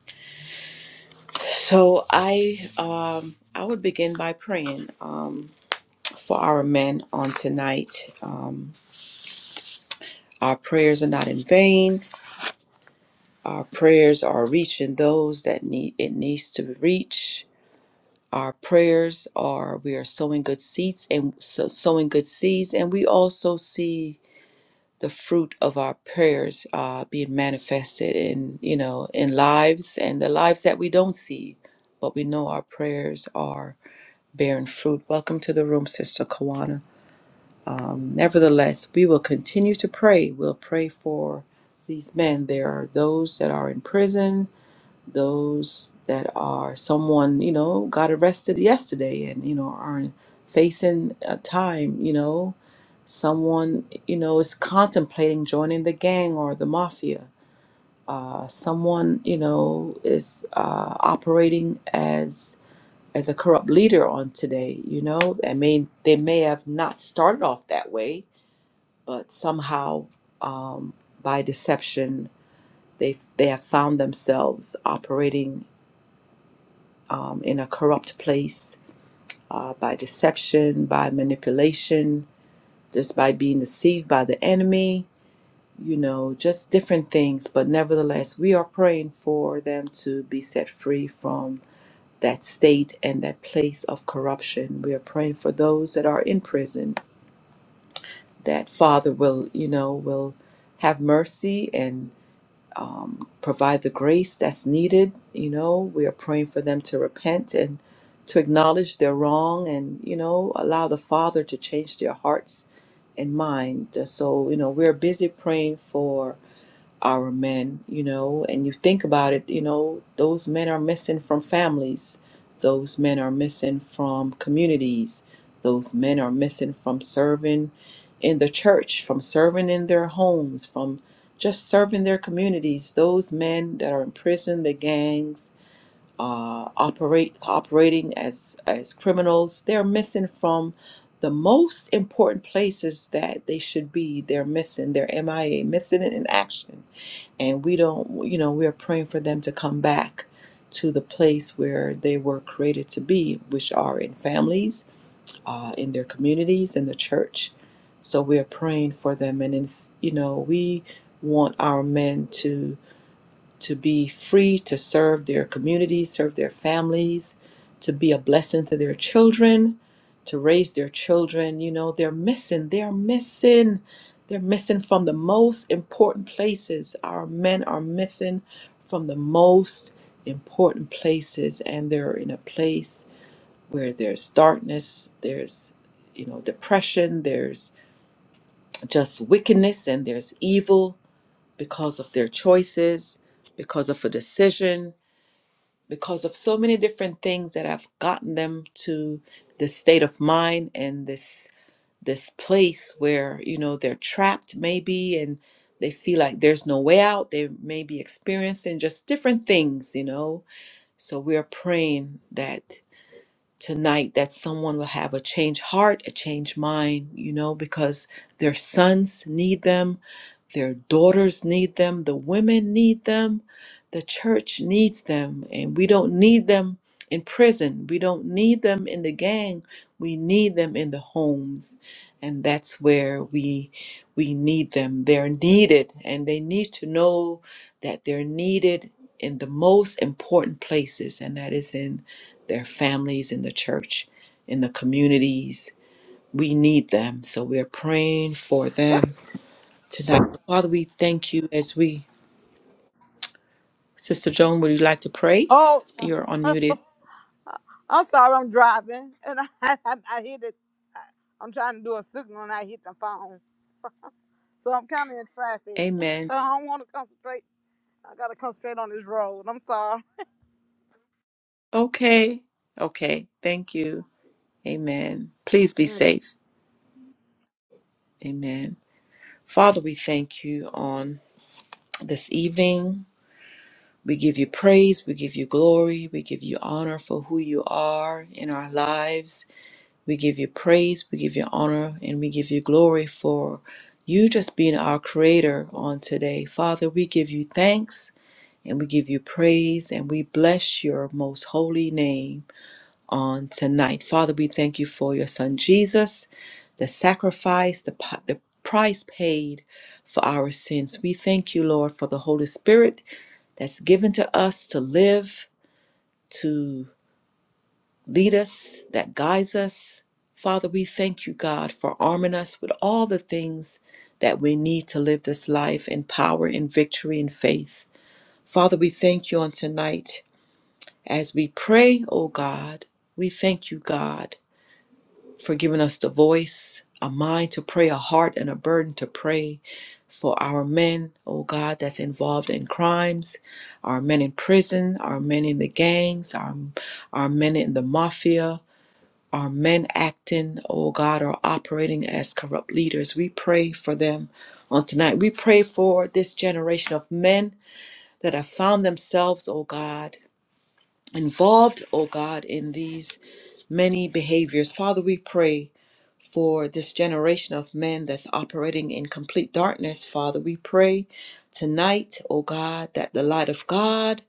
[SPEAKER 1] So I um, I would begin by praying um, for our men on tonight. Um, our prayers are not in vain. Our prayers are reaching those that need it needs to reach. Our prayers are we are sowing good seeds and so, sowing good seeds, and we also see the fruit of our prayers uh, being manifested in you know in lives and the lives that we don't see but we know our prayers are bearing fruit welcome to the room sister kawana um, nevertheless we will continue to pray we'll pray for these men there are those that are in prison those that are someone you know got arrested yesterday and you know are facing a time you know someone you know is contemplating joining the gang or the mafia uh, someone you know is uh, operating as as a corrupt leader on today you know i mean they may have not started off that way but somehow um, by deception they they have found themselves operating um, in a corrupt place uh, by deception, by manipulation, just by being deceived by the enemy, you know, just different things. But nevertheless, we are praying for them to be set free from that state and that place of corruption. We are praying for those that are in prison that Father will, you know, will have mercy and. um, provide the grace that's needed. You know, we are praying for them to repent and to acknowledge their wrong and, you know, allow the Father to change their hearts and mind. So, you know, we're busy praying for our men, you know, and you think about it, you know, those men are missing from families, those men are missing from communities, those men are missing from serving in the church, from serving in their homes, from just serving their communities. Those men that are in prison, the gangs, uh, operate operating as as criminals, they're missing from the most important places that they should be. They're missing. They're MIA, missing in action and we don't you know we are praying for them to come back to the place where they were created to be which are in families uh, in their communities in the church so we are praying for them and it's you know we want our men to to be free to serve their communities, serve their families, to be a blessing to their children, to raise their children. You know, they're missing, they're missing, they're missing from the most important places. Our men are missing from the most important places, and they're in a place where there's darkness, there's, you know, depression, there's just wickedness, and there's evil because of their choices, because of a decision because of so many different things that have gotten them to this state of mind and this this place where you know they're trapped maybe and they feel like there's no way out they may be experiencing just different things you know so we are praying that tonight that someone will have a changed heart, a changed mind, you know, because their sons need them, their daughters need them, the women need them, the church needs them. And we don't need them in prison, we don't need them in the gang, we need them in the homes. And that's where we we need them. They're needed and they need to know that they're needed in the most important places and that is in their families in the church, in the communities. We need them. So we're praying for them tonight. So, Father, we thank you as we. Sister Joan, would you like to pray?
[SPEAKER 4] Oh,
[SPEAKER 1] You're unmuted.
[SPEAKER 4] I'm sorry, I'm driving, and I *laughs* I, I hit it. I, I'm trying to do a signal, and I hit the phone, so I'm kind of in traffic. *laughs*
[SPEAKER 1] Amen.
[SPEAKER 4] So I don't want to concentrate. I gotta concentrate on this road. I'm sorry.
[SPEAKER 1] Okay. Okay. Thank you. Amen. Please be
[SPEAKER 4] Okay.
[SPEAKER 1] safe. Amen. Father, we thank you on this evening. We give you praise. We give you glory. We give you honor for who you are in our lives We give you praise, we give you honor, and we give you glory for you just being our creator on today. Father, we give you thanks and we give you praise and we bless your most holy name on tonight. Father, we thank you for your son Jesus, the sacrifice, the, pi- the price paid for our sins. We thank you, Lord, for the Holy Spirit that's given to us to live. to lead us, that guides us. Father, we thank you, God, for arming us with all the things that we need to live this life in power in victory in faith. Father, we thank you on tonight as we pray, oh God. We thank you, God, for giving us the voice, a mind to pray, a heart and a burden to pray for our men, oh God, that's involved in crimes, our men in prison, our men in the gangs, our, our men in the mafia, are men acting, oh God, or operating as corrupt leaders? We pray for them on tonight. We pray for this generation of men that have found themselves, oh God, involved, oh God, in these many behaviors. Father, we pray for this generation of men that's operating in complete darkness, Father. We pray tonight, oh God, that the light of God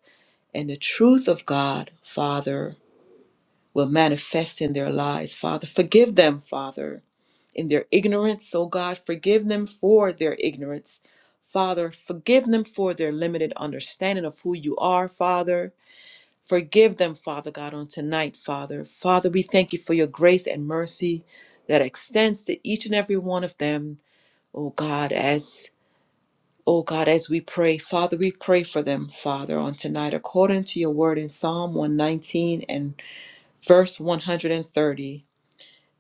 [SPEAKER 1] and the truth of God, Father, will manifest in their lives, Father. Forgive them, Father, in their ignorance. Oh God, forgive them for their ignorance. Father, forgive them for their limited understanding of who you are, Father. Forgive them, Father God, on tonight, Father. Father, we thank you for your grace and mercy that extends to each and every one of them, oh God, as Oh God, as we pray, Father, we pray for them, Father, on tonight, according to your word in Psalm 119 and verse 130.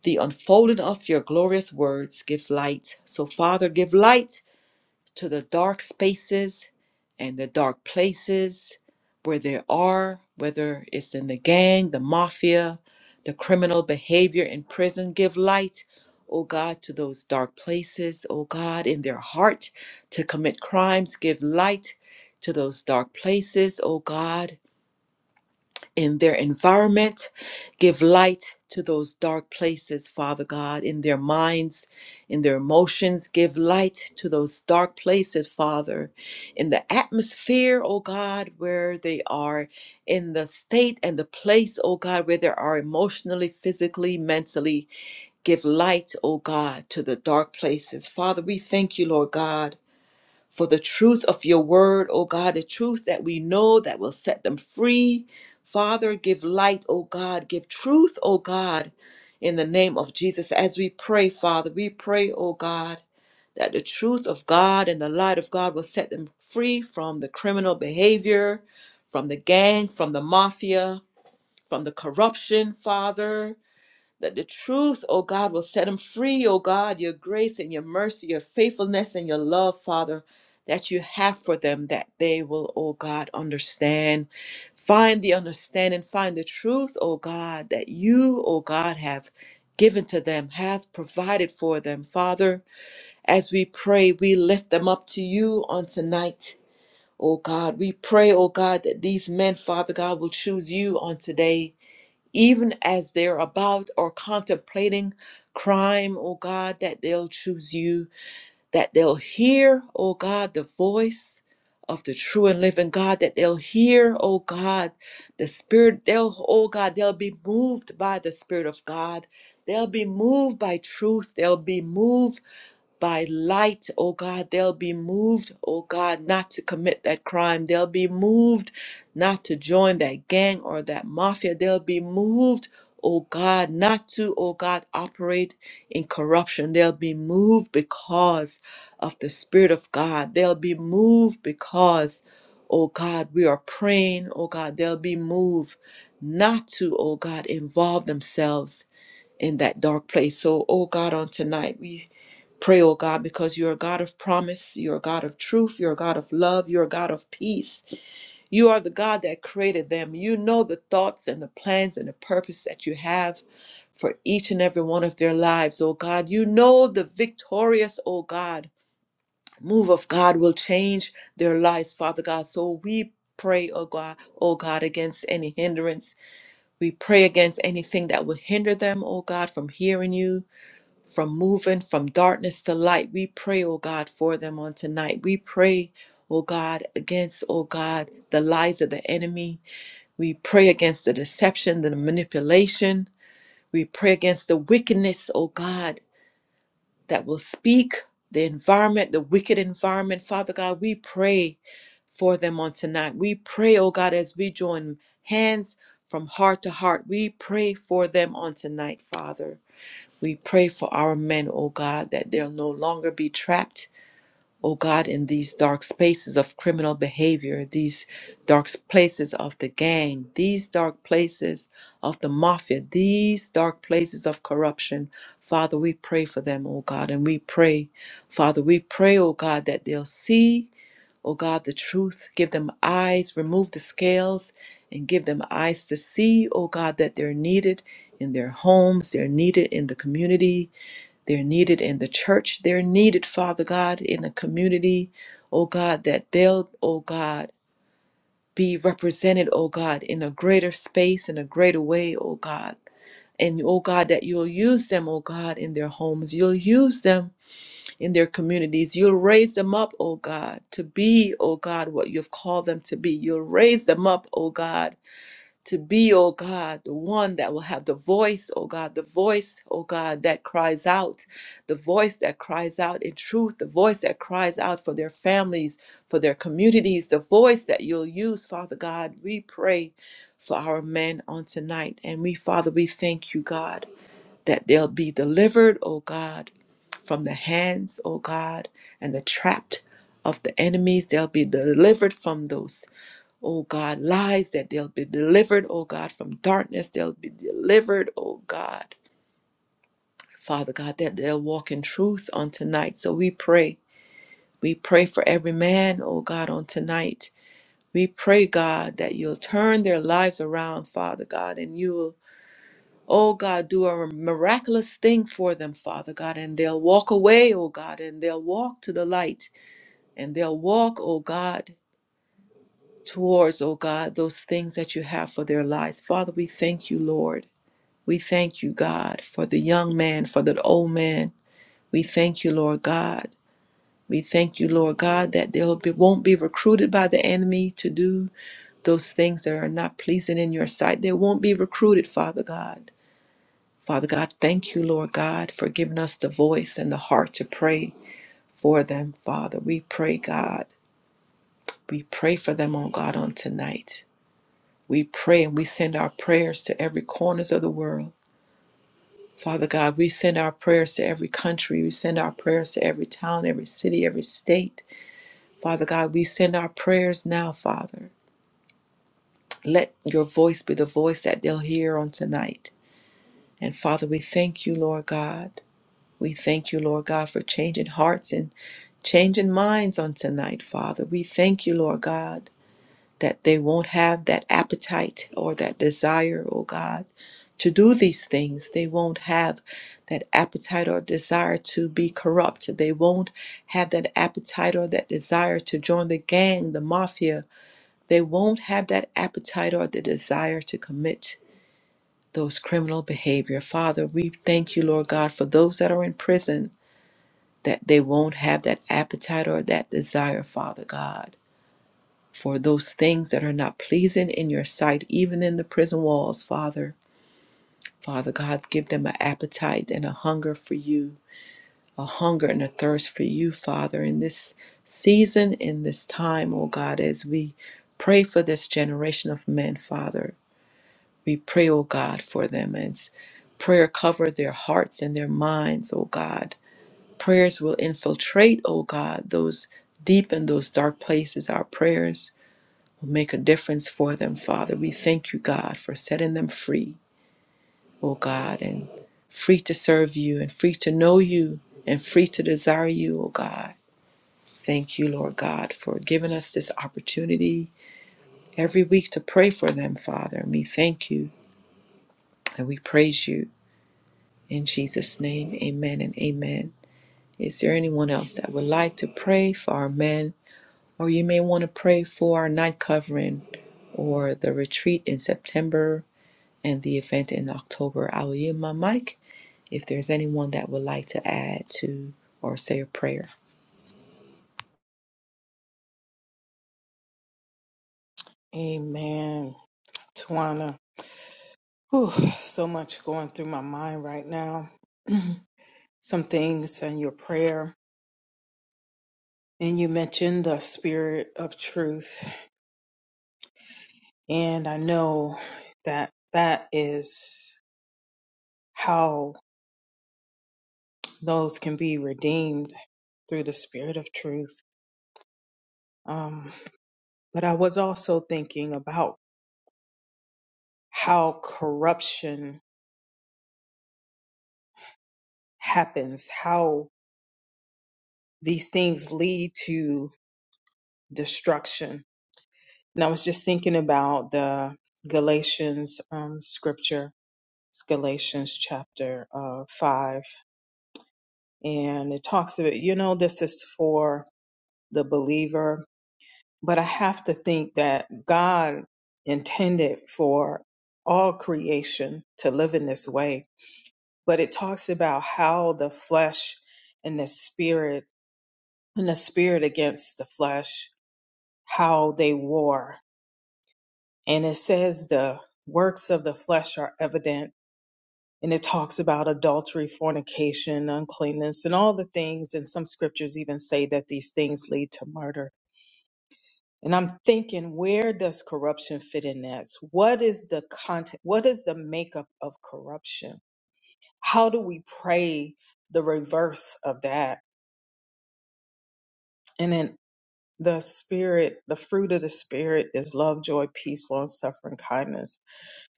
[SPEAKER 1] The unfolding of your glorious words give light. So, Father, give light to the dark spaces and the dark places where there are, whether it's in the gang, the mafia, the criminal behavior in prison. Give light, oh God, to those dark places, oh God, in their heart to commit crimes. Give light to those dark places, oh God in their environment. Give light to those dark places, Father God, in their minds, in their emotions. Give light to those dark places, Father, in the atmosphere, oh God, where they are, in the state and the place, oh God, where they are emotionally, physically, mentally. Give light, oh God, to the dark places. Father, we thank you, Lord God for the truth of your word, O God, the truth that we know that will set them free. Father, give light, O God, give truth, O God, in the name of Jesus. As we pray, Father, we pray, O God, that the truth of God and the light of God will set them free from the criminal behavior, from the gang, from the mafia, from the corruption, Father that the truth, O God, will set them free, O God, your grace and your mercy, your faithfulness and your love, Father, that you have for them, that they will, O God, understand. Find the understanding, find the truth, O God, that you, O God, have given to them, have provided for them. Father, as we pray, we lift them up to you on tonight. O God, we pray, O God, that these men, Father God, will choose you on today even as they're about or contemplating crime, O God, that they'll choose you, that they'll hear, O God, the voice of the true and living God, that they'll hear, O God, the Spirit, they'll, oh God, they'll be moved by the Spirit of God. They'll be moved by truth. They'll be moved by light, oh God. They'll be moved, oh God, not to commit that crime. They'll be moved not to join that gang or that mafia. They'll be moved, oh God, not to, oh God, operate in corruption. They'll be moved because of the Spirit of God. They'll be moved because, oh God, we are praying, oh God, they'll be moved not to, oh God, involve themselves in that dark place. So, oh God, on tonight, we Pray, oh God, because you're a God of promise, you're a God of truth, you're a God of love, you're a God of peace. You are the God that created them. You know the thoughts and the plans and the purpose that you have for each and every one of their lives, oh God. You know the victorious, oh God, move of God will change their lives, Father God. So we pray, oh God, oh God, against any hindrance. We pray against anything that will hinder them, oh God, from hearing you from moving from darkness to light. We pray, oh God, for them on tonight. We pray, oh God, against, oh God, the lies of the enemy. We pray against the deception, the manipulation. We pray against the wickedness, oh God, that will speak the environment, the wicked environment. Father God, we pray for them on tonight. We pray, oh God, as we join hands from heart to heart. We pray for them on tonight, Father. We pray for our men, O God, that they'll no longer be trapped, O God, in these dark spaces of criminal behavior, these dark places of the gang, these dark places of the mafia, these dark places of corruption. Father, we pray for them, O God, and we pray, Father, we pray, O God, that they'll see, O God, the truth, give them eyes, remove the scales, and give them eyes to see, O God, that they're needed in their homes, they're needed in the community, they're needed in the church. They're needed, Father God, in the community, oh God, that they'll, oh God, be represented, oh God, in a greater space, in a greater way, oh God. And oh God, that you'll use them, oh God, in their homes. You'll use them in their communities. You'll raise them up, oh God, to be, oh God, what you've called them to be. You'll raise them up, oh God, to be, oh God, the one that will have the voice, oh God, the voice, oh God, that cries out, the voice that cries out in truth, the voice that cries out for their families, for their communities, the voice that you'll use, Father God. We pray for our men on tonight. And we, Father, we thank you, God, that they'll be delivered, oh God, from the hands, oh God, and the trapped of the enemies. They'll be delivered from those oh God, lies that they'll be delivered, oh God, from darkness. They'll be delivered, oh God, Father God, that they'll walk in truth on tonight. So we pray. We pray for every man, oh God, on tonight. We pray, God, that you'll turn their lives around, Father God, and you'll, oh God, do a miraculous thing for them, Father God, and they'll walk away, oh God, and they'll walk to the light, and they'll walk, oh God, towards, oh God, those things that you have for their lives. Father, we thank you, Lord. We thank you, God, for the young man, for the old man. We thank you, Lord God. We thank you, Lord God, that they will be, won't be recruited by the enemy to do those things that are not pleasing in your sight. They won't be recruited, Father God. Father God, thank you, Lord God, for giving us the voice and the heart to pray for them, Father. We pray, God. We pray for them, oh God, on tonight. We pray and we send our prayers to every corners of the world. Father God, we send our prayers to every country. We send our prayers to every town, every city, every state. Father God, we send our prayers now, Father. Let your voice be the voice that they'll hear on tonight. And Father, we thank you, Lord God. We thank you, Lord God, for changing hearts and changing minds on tonight, Father. We thank you, Lord God that they won't have that appetite or that desire, oh God, to do these things. They won't have that appetite or desire to be corrupt. They won't have that appetite or that desire to join the gang, the mafia. They won't have that appetite or the desire to commit those criminal behavior. Father, we thank you, Lord God, for those that are in prison, that they won't have that appetite or that desire, Father God for those things that are not pleasing in your sight, even in the prison walls, Father. Father God, give them an appetite and a hunger for you, a hunger and a thirst for you, Father, in this season, in this time, oh God, as we pray for this generation of men, Father. We pray, oh God, for them as prayer cover their hearts and their minds, oh God. Prayers will infiltrate, oh God, those deep and those dark places, our prayers make a difference for them, Father. We thank you, God, for setting them free, oh God, and free to serve you and free to know you and free to desire you, oh God. Thank you, Lord God, for giving us this opportunity every week to pray for them, Father. And we thank you and we praise you. In Jesus' name, amen and amen. Is there anyone else that would like to pray for our men? Or you may want to pray for our night covering or the retreat in September and the event in October. I will yield my mic if there's anyone that would like to add to or say a prayer.
[SPEAKER 2] Amen. Tawana, whew, so much going through my mind right now. *clears throat* Some things and your prayer. And you mentioned the spirit of truth. And I know that that is how those can be redeemed through the spirit of truth. Um, but I was also thinking about how corruption happens, how these things lead to destruction. And I was just thinking about the Galatians um, scripture. It's Galatians chapter uh, 5. And it talks about, you know, this is for the believer but I have to think that God intended for all creation to live in this way. But it talks about how the flesh and the spirit, and the spirit against the flesh, how they war. And it says the works of the flesh are evident. And it talks about adultery, fornication, uncleanness, and all the things. And some scriptures even say that these things lead to murder And I'm thinking, where does corruption fit in that? What is the content? What is the makeup of corruption? How do we pray the reverse of that? And then the spirit, the fruit of the spirit is love, joy, peace, long suffering, kindness,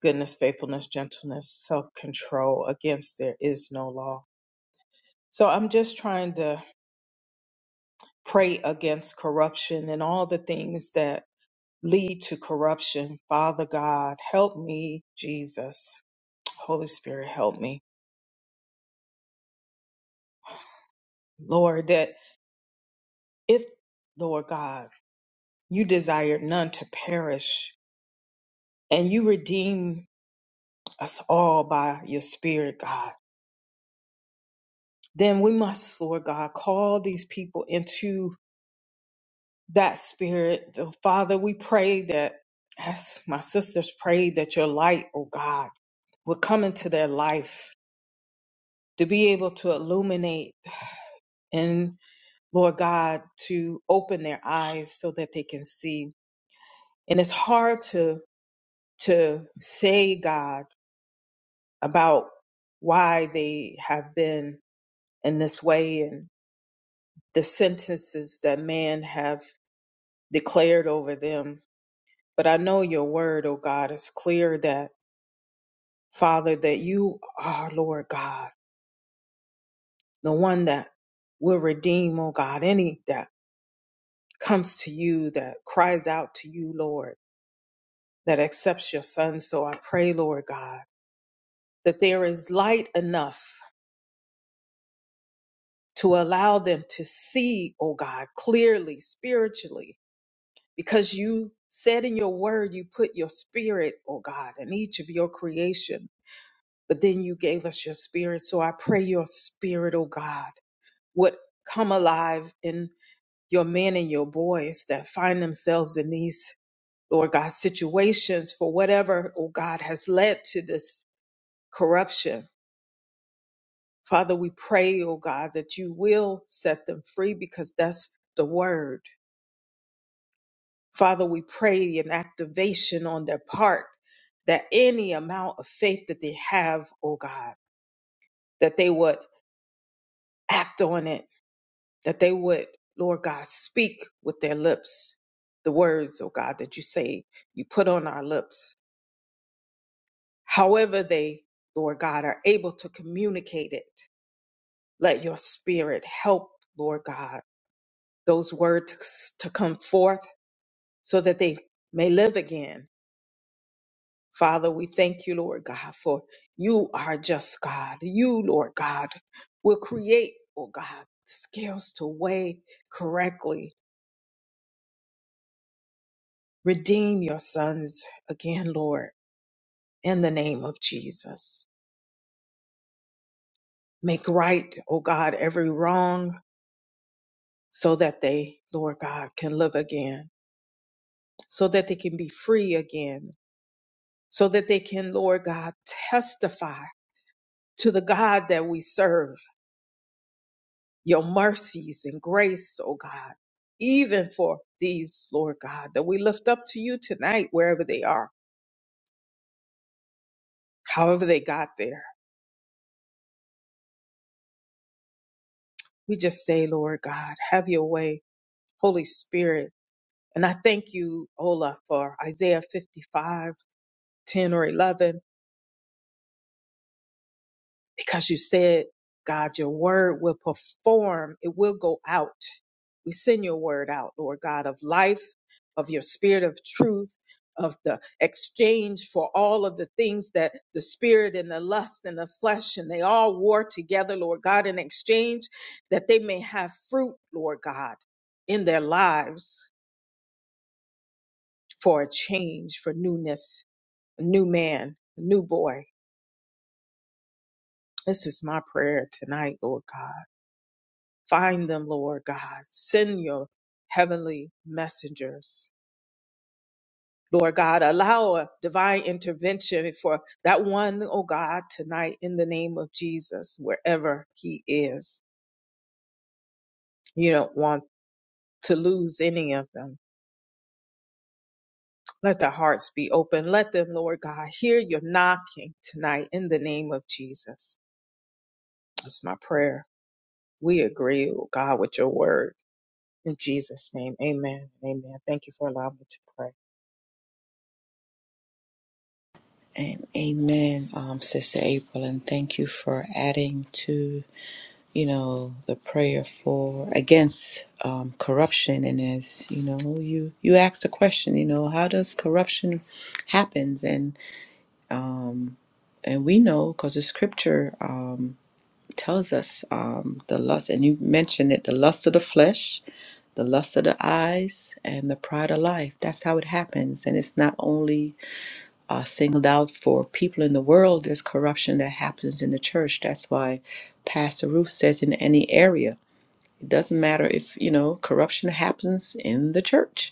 [SPEAKER 2] goodness, faithfulness, gentleness, self control. Against there is no law. So I'm just trying to pray against corruption and all the things that lead to corruption. Father God, help me, Jesus Holy Spirit, help me. Lord, that if, Lord God, you desired none to perish and you redeem us all by your Spirit, God, then we must, Lord God, call these people into that Spirit. The Father, we pray that, as my sisters prayed, that your light, oh God, would come into their life to be able to illuminate and, Lord God, to open their eyes so that they can see and it's hard to to say God about why they have been in this way and the sentences that man have declared over them. But I know your word, O God, is clear that Father, that you are Lord God, the one that will redeem, O God, any that comes to you, that cries out to you, Lord, that accepts your son. So I pray, Lord God, that there is light enough to allow them to see, oh God, clearly, spiritually, because you said in your word, you put your spirit, oh God, in each of your creation, but then you gave us your spirit. So I pray your spirit, oh God, would come alive in your men and your boys that find themselves in these, Lord God, situations for whatever, oh God, has led to this corruption. Father, we pray, oh God, that you will set them free because that's the word Father, we pray an activation on their part that any amount of faith that they have, oh God, that they would act on it, that they would, Lord God, speak with their lips the words, oh God, that you say you put on our lips. However, they, Lord God, are able to communicate it, let your spirit help, Lord God, those words to come forth so that they may live again Father, we thank you, Lord God, for you are just God. You, Lord God, will create, oh God, scales to weigh correctly. Redeem your sons again, Lord, in the name of Jesus. Make right, oh God, every wrong so that they, Lord God, can live again, so that they can be free again, so that they can, Lord God, testify to the God that we serve your mercies and grace, oh God, even for these, Lord God, that we lift up to you tonight, wherever they are, however they got there. We just say, Lord God, have your way, Holy Spirit. And I thank you, Ola, for Isaiah 55:10 or 11 because you said, God, your word will perform, it will go out. We send your word out, Lord God, of life, of your spirit of truth, of the exchange for all of the things that the spirit and the lust and the flesh and they all war together, Lord God, in exchange that they may have fruit, Lord God, in their lives for a change, for newness, a new man, a new boy. This is my prayer tonight, Lord God. Find them, Lord God. Send your heavenly messengers. Lord God, allow a divine intervention for that one, oh God, tonight in the name of Jesus, wherever he is. You don't want to lose any of them. Let their hearts be open. Let them, Lord God, hear your knocking tonight in the name of Jesus. That's my prayer. We agree, oh God, with your word. In Jesus' name, amen. Amen. Thank you for allowing me to pray.
[SPEAKER 1] And amen, um, Sister April, and thank you for adding to, you know, the prayer for against um, corruption. And as you know, you you asked the question, you know, how does corruption happens? And and we know because the Scripture um, tells us um, the lust, and you mentioned it, the lust of the flesh, the lust of the eyes and the pride of life. That's how it happens. And it's not only uh, singled out for people in the world, there's corruption that happens in the church. That's why Pastor Ruth says in any area, it doesn't matter if, you know, corruption happens in the church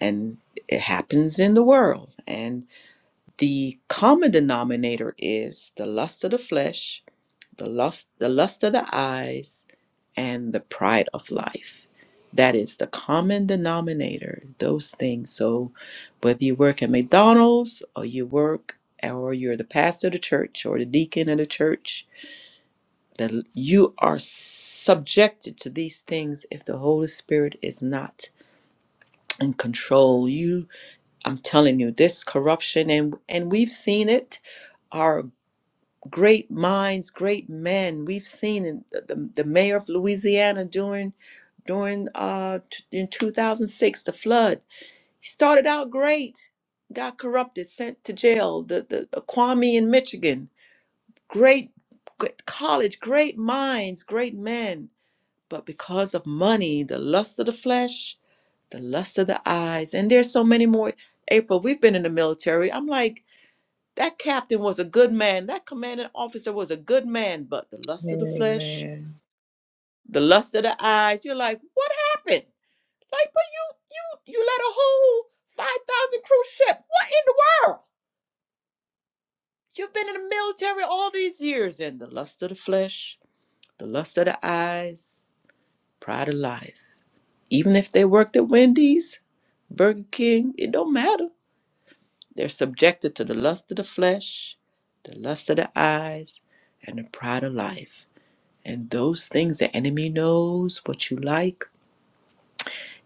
[SPEAKER 1] and it happens in the world. And the common denominator is the lust of the flesh, the lust the lust of the eyes and the pride of life that is the common denominator those things so whether you work at mcdonald's or you work or you're the pastor of the church or the deacon of the church that you are subjected to these things if the holy spirit is not in control you i'm telling you this corruption and and we've seen it Our great minds, great men. We've seen in the, the, the mayor of Louisiana during during uh t- in 2006 the flood. He started out great, got corrupted, sent to jail. The the, the Kwame in Michigan, great, great college, great minds, great men, but because of money, the lust of the flesh, the lust of the eyes, and there's so many more. April, we've been in the military. I'm like that captain was a good man. That commanding officer was a good man, but the lust of the flesh,
[SPEAKER 2] Amen.
[SPEAKER 1] the lust of the eyes, you're like, what happened? Like, but you you you led a whole 5,000 cruise ship. What in the world? You've been in the military all these years and the lust of the flesh, the lust of the eyes, pride of life. Even if they worked at Wendy's, Burger King, it don't matter. They're subjected to the lust of the flesh, the lust of the eyes, and the pride of life. And those things the enemy knows what you like.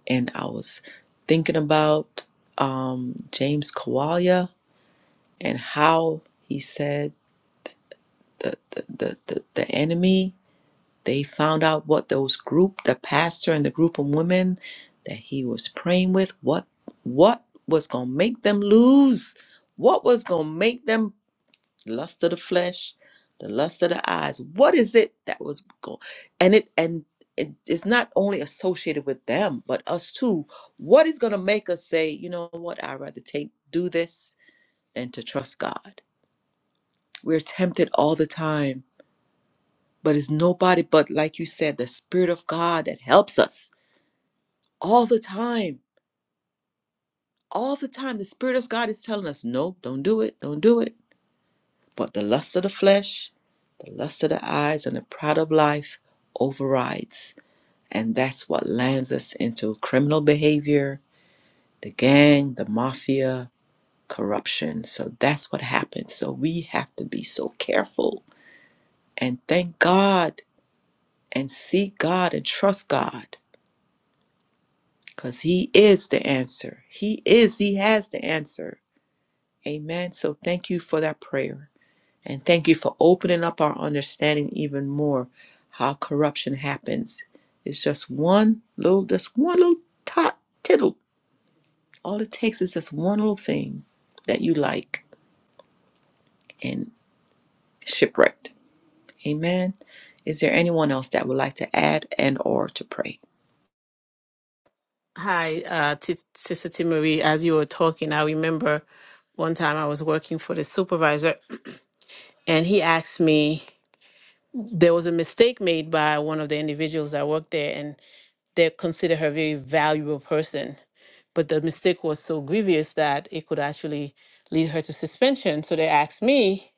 [SPEAKER 1] And I was thinking about um, James Kawalia and how he said the, the, the, the, the enemy, they found out what those group, the pastor and the group of women that he was praying with, what what was gonna make them lose? What was gonna make them the lust of the flesh, the lust of the eyes. What is it that was going? And it and it is not only associated with them, but us too. What is going to make us say, you know what? I'd rather take do this than to trust God. We're tempted all the time, but it's nobody but, like you said, the Spirit of God that helps us all the time. All the time, the Spirit of God is telling us, no, don't do it, don't do it But the lust of the flesh, the lust of the eyes, and the pride of life overrides. And that's what lands us into criminal behavior, the gang, the mafia, corruption. So that's what happens. So we have to be so careful and thank God and seek God and trust God because He is the answer. He is, He has the answer. Amen. So thank you for that prayer. And thank you for opening up our understanding even more how corruption happens. It's just one little, just one little tot, tittle. All it takes is just one little thing that you like and shipwrecked. Amen. Is there anyone else that would like to add and or to pray?
[SPEAKER 5] Hi, uh, T- Sister T. Marie. As you were talking, I remember one time I was working for the supervisor, *clears throat* and he asked me there was a mistake made by one of the individuals that worked there, and they consider her a very valuable person, but the mistake was so grievous that it could actually lead her to suspension. So they asked me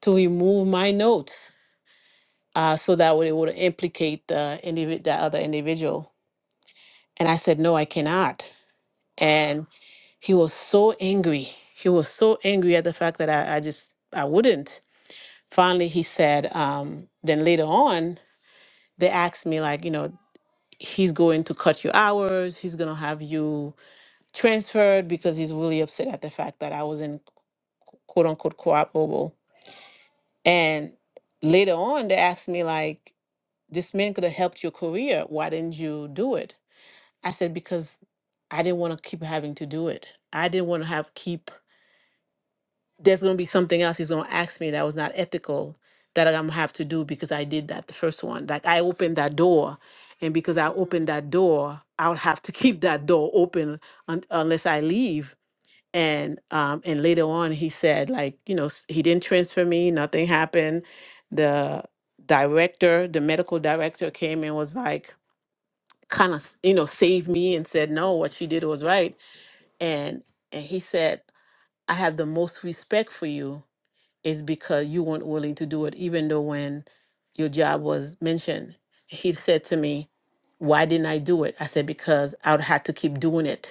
[SPEAKER 5] to remove my notes uh, so that way it would implicate the indivi- the other individual, and I said no, I cannot. and he was so angry. He was so angry at the fact that I, I just I wouldn't. Finally, he said. Um, then later on, they asked me like, you know, he's going to cut your hours. He's gonna have you transferred because he's really upset at the fact that I wasn't quote unquote cooperable. And later on, they asked me like, this man could have helped your career. Why didn't you do it? I said because I didn't want to keep having to do it. I didn't want to have keep there's going to be something else he's going to ask me that was not ethical that I'm going to have to do because I did that the first one. Like I opened that door, and because I
[SPEAKER 3] anda
[SPEAKER 5] opened that door, I'll have to *laughs* keep that door open un- unless I leave. And um, and later on, he said like you know s- he didn't transfer me, nothing happened. The director, the medical director, came and was like kind of you know saved me and said no, what she did was right. And and he said I have the most respect for you is because you weren't willing to do it, even though when your job was mentioned, he said to me, Why didn't I do it? I said, Because I would have to keep doing it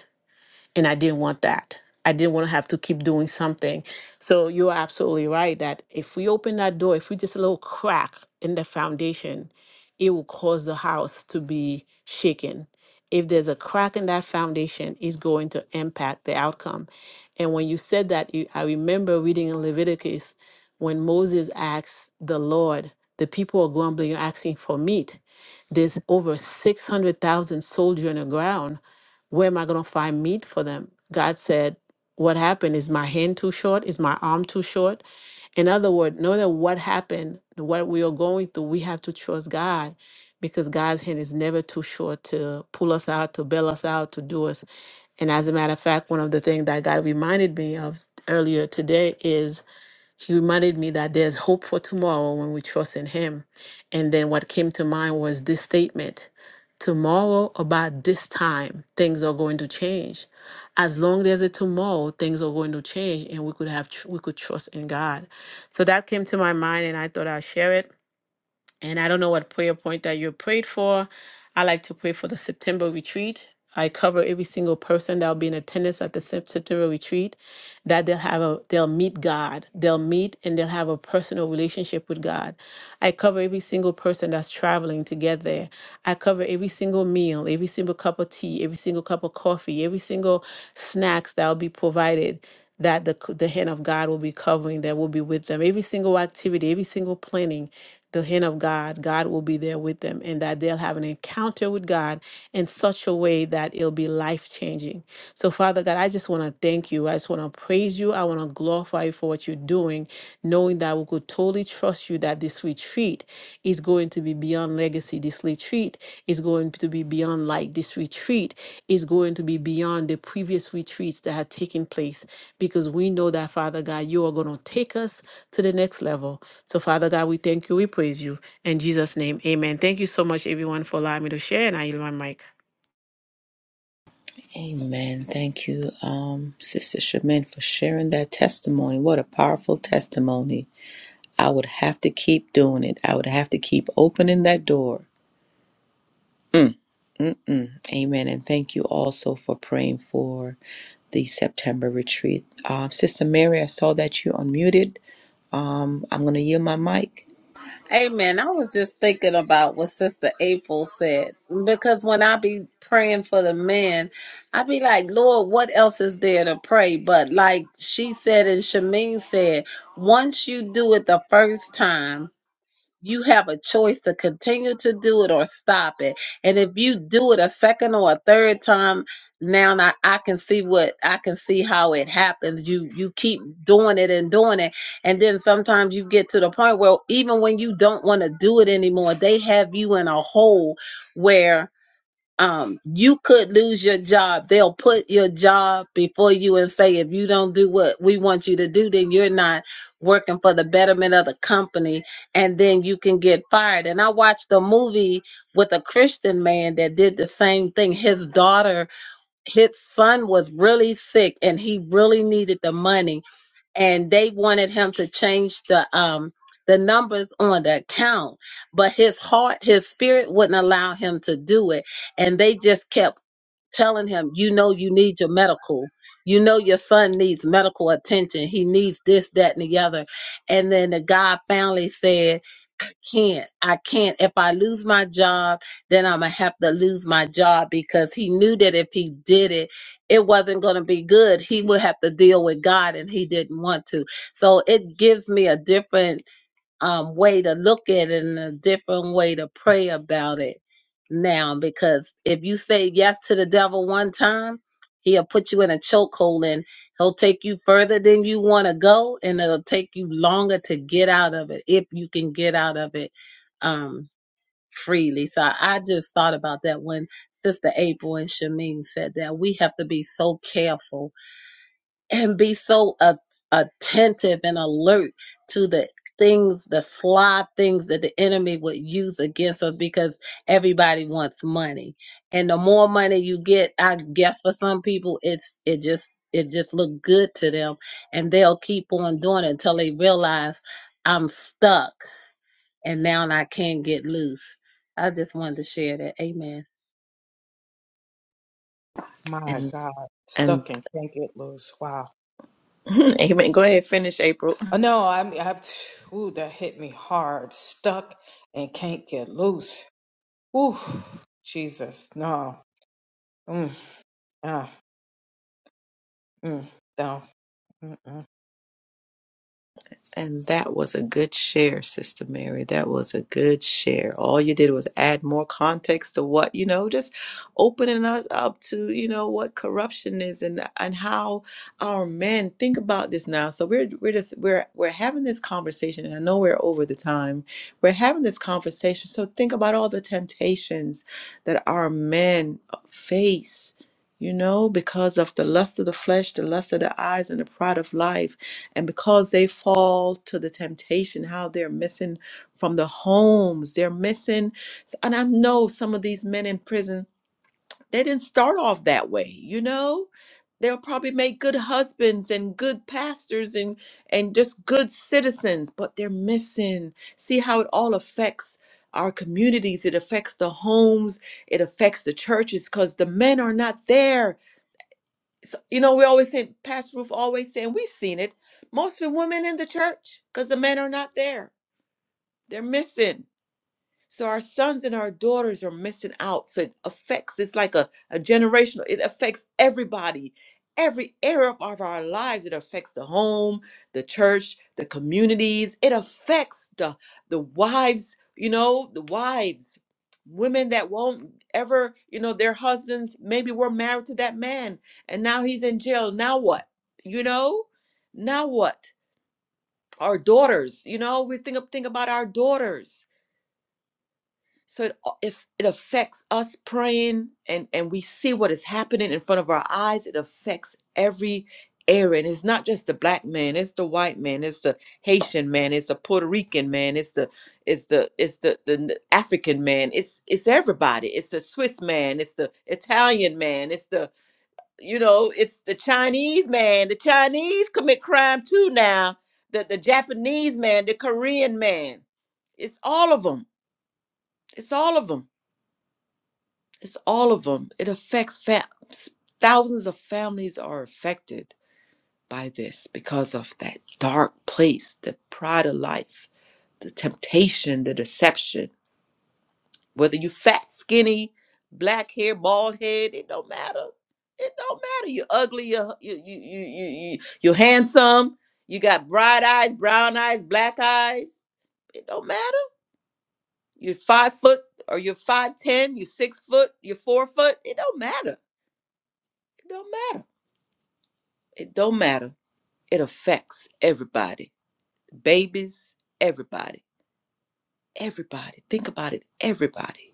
[SPEAKER 5] and I didn't want that. I didn't want to have to keep doing something. So you're absolutely right that if we open that door, if we just a little crack in the foundation, it will cause the house to be shaken. If there's a crack in that foundation, it's going to impact the outcome. And when you said that, you, I remember reading in Leviticus when Moses asked the Lord, the people are grumbling, asking for meat. There's over 600,000 soldiers on the ground where am I going to find meat for them? God said, What happened? Is my hand too short? Is my arm too short? In other words, know that what happened, what we are going through, we have to trust God because God's hand is never too short to pull us out, to bail us out, to do us. And as a matter of fact, one of the things that God reminded me of earlier today is he reminded me that there's hope for tomorrow when we trust in him. And then what came to mind was this statement Tomorrow, about this time, things are going to change. As long as there's a tomorrow, things are going to change, and we could have tr- we could trust in God. So that came to my mind, and I thought I'd share it. And I don't know what prayer point that you prayed for. I like to pray for the September retreat. I cover every single person that will be in attendance at the Sep- September retreat, that they'll have a they'll meet God. They'll meet and they'll have a personal relationship with God. I cover every single person that's traveling to get there. I cover every single meal, every single cup of tea, every single cup of coffee, every single snacks that will be provided that the, c- the hand of God will be covering, that will be with them. Every single activity, every single planning, the hand of God, God will be there with them, and that they'll have an encounter with God in such a way that it'll be life changing. So, Father God, I just want to thank you. I just want to praise you. I want to glorify you for what you're doing, knowing that we could totally trust you that this retreat is going to be beyond legacy. This retreat is going to be beyond light. This retreat is going to be beyond the previous retreats that had taken place because we know that, Father God, you are going to take us to the next level. So, Father God, we thank you. We praise you. In Jesus' name, amen. Thank you so much, everyone, for allowing me to share. And I yield my mic.
[SPEAKER 1] Amen. Thank you, um, Sister Shamin, for sharing that testimony. What a powerful testimony. I would have to keep doing it. I would have to keep opening that door Mm-mm. Amen. And thank you also for praying for the September retreat. Um, Sister Mary, I saw that you unmuted. Um, I'm going to yield my mic.
[SPEAKER 3] Amen. I was just thinking about what Sister April said because when I be praying for the men, I be like, Lord, what else is there to pray? But like she said and Shamin said, once you do it the first time. You have a choice to continue to do it or stop it. And if you do it a second or a third time, now I, I can see what I can see how it happens. You you keep doing it and doing it. And then sometimes you get to the point where even when you don't want to do it anymore, they have you in a hole where um, you could lose your job. They'll put your job before you and say, if you don't do what we want you to do, then you're not working for the betterment of the company, and then you can get fired. And I watched a movie with a Christian man that did the same thing. His daughter, his son was really sick, and he really needed the money and they wanted him to change the um the numbers on the account but his heart his spirit wouldn't allow him to do it and they just kept telling him you know you need your medical you know your son needs medical attention he needs this that and the other and then the guy finally said can't. I can't. If I lose my job, then I'm going to have to lose my job because he knew that if he did it, it wasn't going to be good. He would have to deal with God and he didn't want to. So it gives me a different um, way to look at it and a different way to pray about it now. Because if you say yes to the devil one time, he'll put you in a chokehold and he'll take you further than you want to go, and it'll take you longer to get out of it if you can get out of it um, freely. So I just thought about that when Sister April and Shamin said that we have to be so careful and be so a- attentive and alert to the things, the sly things that the enemy would use against us because everybody wants money. And the more money you get, I guess for some people it's it just it just look good to them and they'll keep on doing it until they realize I'm stuck and now I can't get loose. I just wanted to share that. Amen.
[SPEAKER 2] My
[SPEAKER 1] And,
[SPEAKER 2] God,
[SPEAKER 1] and
[SPEAKER 2] stuck and can't get loose. Wow.
[SPEAKER 1] *laughs* amen. Go ahead, finish, April.
[SPEAKER 2] Uh, No, I mean, I, ooh, that hit me hard. Stuck and can't get loose. Ooh, Jesus, no. Mm, ah, mm, no. Mm-mm.
[SPEAKER 1] And that was a good share, Sister Mary. That was a good share. All you did was add more context to what, you know, just opening us up to, you know, what corruption is and and how our men think about this now. So we're we're just we're we're having this conversation and I know we're over the time. We're having this conversation. So think about all the temptations that our men face. You know, because of the lust of the flesh, the lust of the eyes, and the pride of life and because they fall to the temptation, how they're missing from the homes, they're missing. And I know some of these men in prison, they didn't start off that way, you know? They'll probably make good husbands and good pastors and, and just good citizens, but they're missing. See how it all affects our communities, it affects the homes, it affects the churches because the men are not there so, you know, we always say, Pastor Ruth always saying, we've seen it, mostly women in the church because the men are not there. They're missing. So our sons and our daughters are missing out. So it affects, it's like a, a generational, it affects everybody, every area of of our lives. It affects the home, the church, the communities. It affects the the wives, you know, the wives, women that won't ever, you know, their husbands maybe were married to that man and now he's in jail. Now what? You know? Now what? Our daughters, you know, we think think about our daughters so it, if it affects us praying and, and we see what is happening in front of our eyes, it affects every area. And it's not just the black man, it's the white man, it's the Haitian man, it's the Puerto Rican man, it's the it's the it's the, the n- African man, it's it's everybody. It's the Swiss man, it's the Italian man, it's the you know, it's the Chinese man. The Chinese commit crime too now. The the Japanese man, the Korean man. It's all of them. It's all of them it's all of them. It affects fa- thousands of families are affected by this because of that dark place, the pride of life, the temptation, the deception. Whether you fat, skinny, black hair, bald head, it don't matter. It don't matter. You're ugly. You're you you you you you you're handsome. You got bright eyes, brown eyes, black eyes. It don't matter. You're five foot or you're five ten. You're six foot. You're four foot. It don't matter It don't matter. It don't matter. It affects everybody. Babies, everybody. Everybody. Think about it, everybody.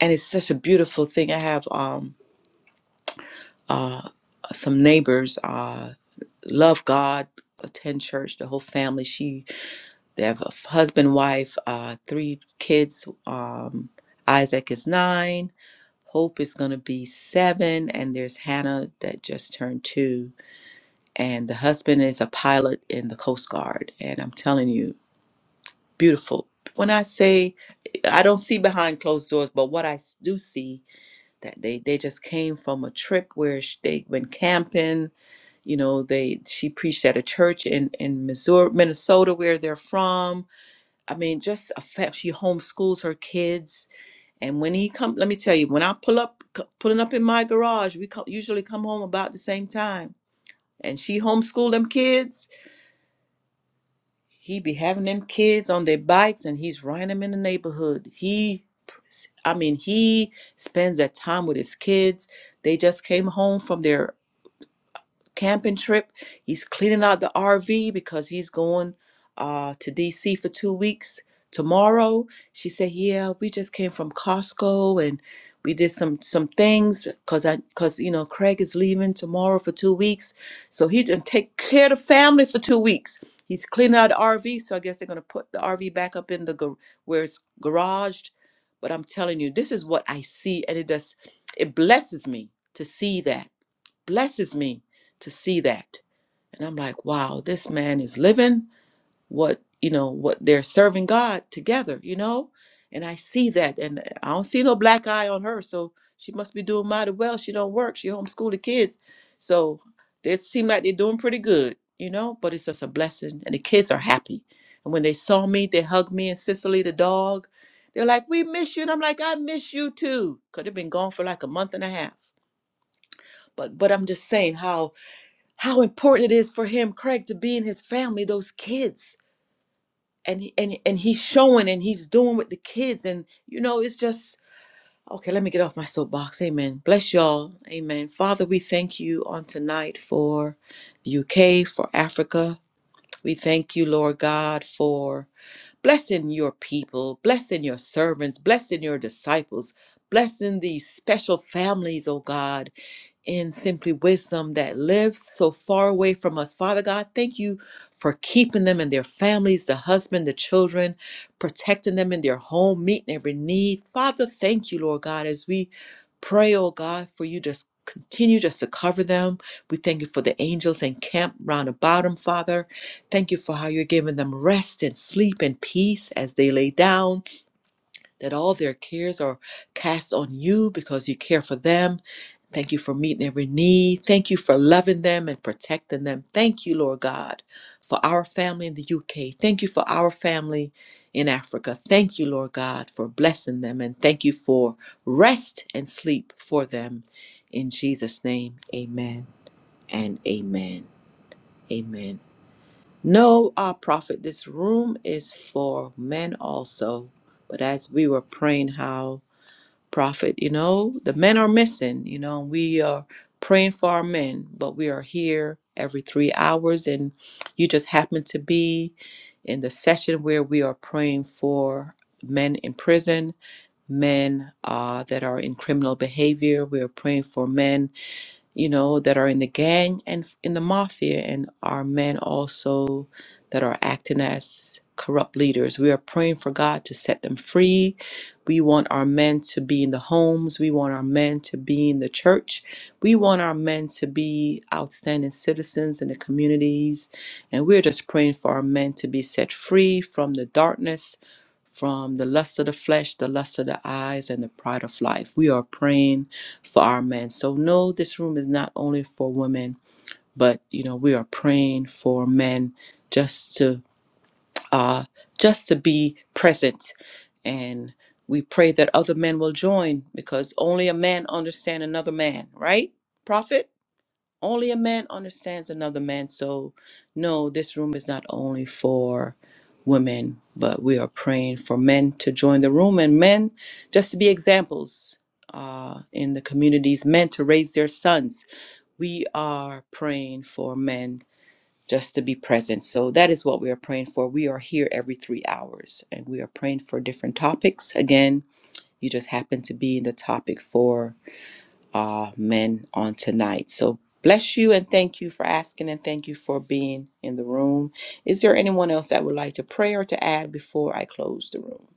[SPEAKER 1] And it's such a beautiful thing. I have um uh some neighbors uh love God, attend church, the whole family. She they have a f- husband, wife, uh three kids. Um Isaac is 9, Hope is going to be 7, and there's Hannah that just turned 2 and the husband is a pilot in the Coast Guard. And I'm telling you, beautiful. When I say I don't see behind closed doors, but what I s- do see that they they just came from a trip where sh- they went camping. You know, they she preached at a church in in Missouri, Minnesota, where they're from. I mean, just a fa- she homeschools her kids. And when he come, let me tell you, when I pull up, c- pulling up in my garage, we co- usually come home about the same time. And she homeschooled them kids He be having them kids on their bikes and he's riding them in the neighborhood. He, I mean, he spends that time with his kids. They just came home from their camping trip. He's cleaning out the RV because he's going uh, to DC for two weeks tomorrow. She said, "Yeah, we just came from Costco and we did some some things because I because you know Craig is leaving tomorrow for two weeks, so he didn't take care of the family for two weeks." He's cleaning out the RV, so I guess they're gonna put the RV back up in the gar- where it's garaged. But I'm telling you, this is what I see, and it does it blesses me to see that blesses me to see that. And I'm like, wow, this man is living what, you know, what they're serving God together, you know? And I see that and I don't see no black eye on her. So she must be doing mighty well. She don't work. She homeschool the kids. So they seem like they're doing pretty good, you know, but it's just a blessing. And the kids are happy. And when they saw me, they hugged me and Cicely the dog. They're like, we miss you. And I'm like, I miss you too. Could have been gone for like a month and a half. But but I'm just saying how how important it is for him, Craig, to be in his family, those kids. And he, and and he's showing and he's doing with the kids. And you know, it's just okay, let me get off my soapbox. Amen. Bless y'all. Amen. Father, we thank you on tonight for the UK, for Africa. We thank you, Lord God, for blessing your people, blessing your servants, blessing your disciples, blessing these special families, oh God, in simply wisdom that lives so far away from us. Father God, thank you for keeping them and their families, the husband, the children, protecting them in their home, meeting every need. Father, thank you, Lord God, as we pray, oh God, for you just continue just to cover them. We thank you for the angels and camp round about them, Father. Thank you for how you're giving them rest and sleep and peace as they lay down, that all their cares are cast on you because you care for them. Thank you for meeting every need. Thank you for loving them and protecting them. Thank you, Lord God, for our family in the UK. Thank you for our family in Africa. Thank you, Lord God, for blessing them. And thank you for rest and sleep for them. In Jesus' name, amen and amen. Amen. No, our prophet, this room is for men also. But as we were praying, how prophet, you know, the men are missing, you know, we are praying for our men, but we are here every three hours, and you just happen to be in the session where we are praying for men in prison, men uh, that are in criminal behavior. We are praying for men you know, that are in the gang and f- in the mafia, and our men also that are acting as corrupt leaders. We are praying for God to set them free. We want our men to be in the homes. We want our men to be in the church. We want our men to be outstanding citizens in the communities. And we're just praying for our men to be set free from the darkness, from the lust of the flesh, the lust of the eyes, and the pride of life. We are praying for our men. So no, this room is not only for women, but you know we are praying for men just to uh, just to be present, and we pray that other men will join because only a man understands another man, right, Prophet? Only a man understands another man. So, no, this room is not only for women, but we are praying for men to join the room and men just to be examples uh, in the communities, men to raise their sons. We are praying for men just to be present. So, that is what we are praying for. We are here every three hours and we are praying for different topics. Again, you just happen to be in the topic for uh, men on tonight. So bless you and thank you for asking and thank you for being in the room. Is there anyone else that would like to pray or to add before I close the room?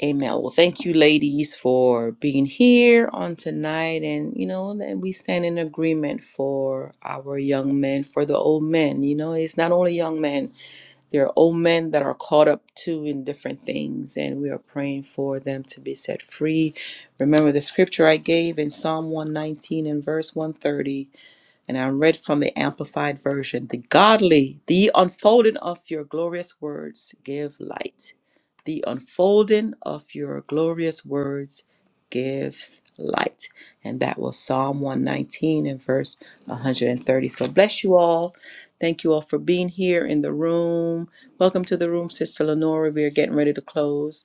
[SPEAKER 1] Amen. Well, thank you, ladies, for being here on tonight. And, you know, that we stand in agreement for our young men, for the old men. You know, it's not only young men, There are old men that are caught up too in different things, and we are praying for them to be set free. Remember the scripture I gave in Psalm 119 and verse 130 and I'm read from the Amplified Version. The godly, the unfolding of your glorious words give light. The unfolding of your glorious words gives light. And that was Psalm 119 and verse 130. So bless you all. Thank you all for being here in the room. Welcome to the room, Sister Lenora. We are getting ready to close.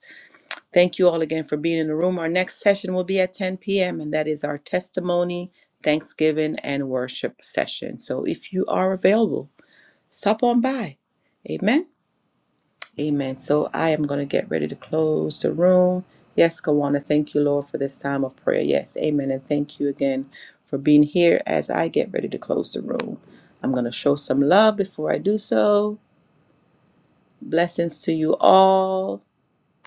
[SPEAKER 1] Thank you all again for being in the room. Our next session will be at 10 p.m., and that is our testimony, thanksgiving, and worship session. So if you are available, stop on by. Amen. Amen. So I am going to get ready to close the room. Yes, Kawana, thank you, Lord, for this time of prayer. Yes, amen. And thank you again for being here as I get ready to close the room. I'm going to show some love before I do so. Blessings to you all.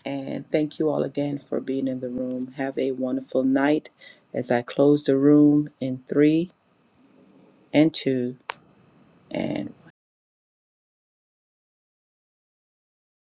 [SPEAKER 1] And thank you all again for being in the room. Have a wonderful night as I close the room in three and two and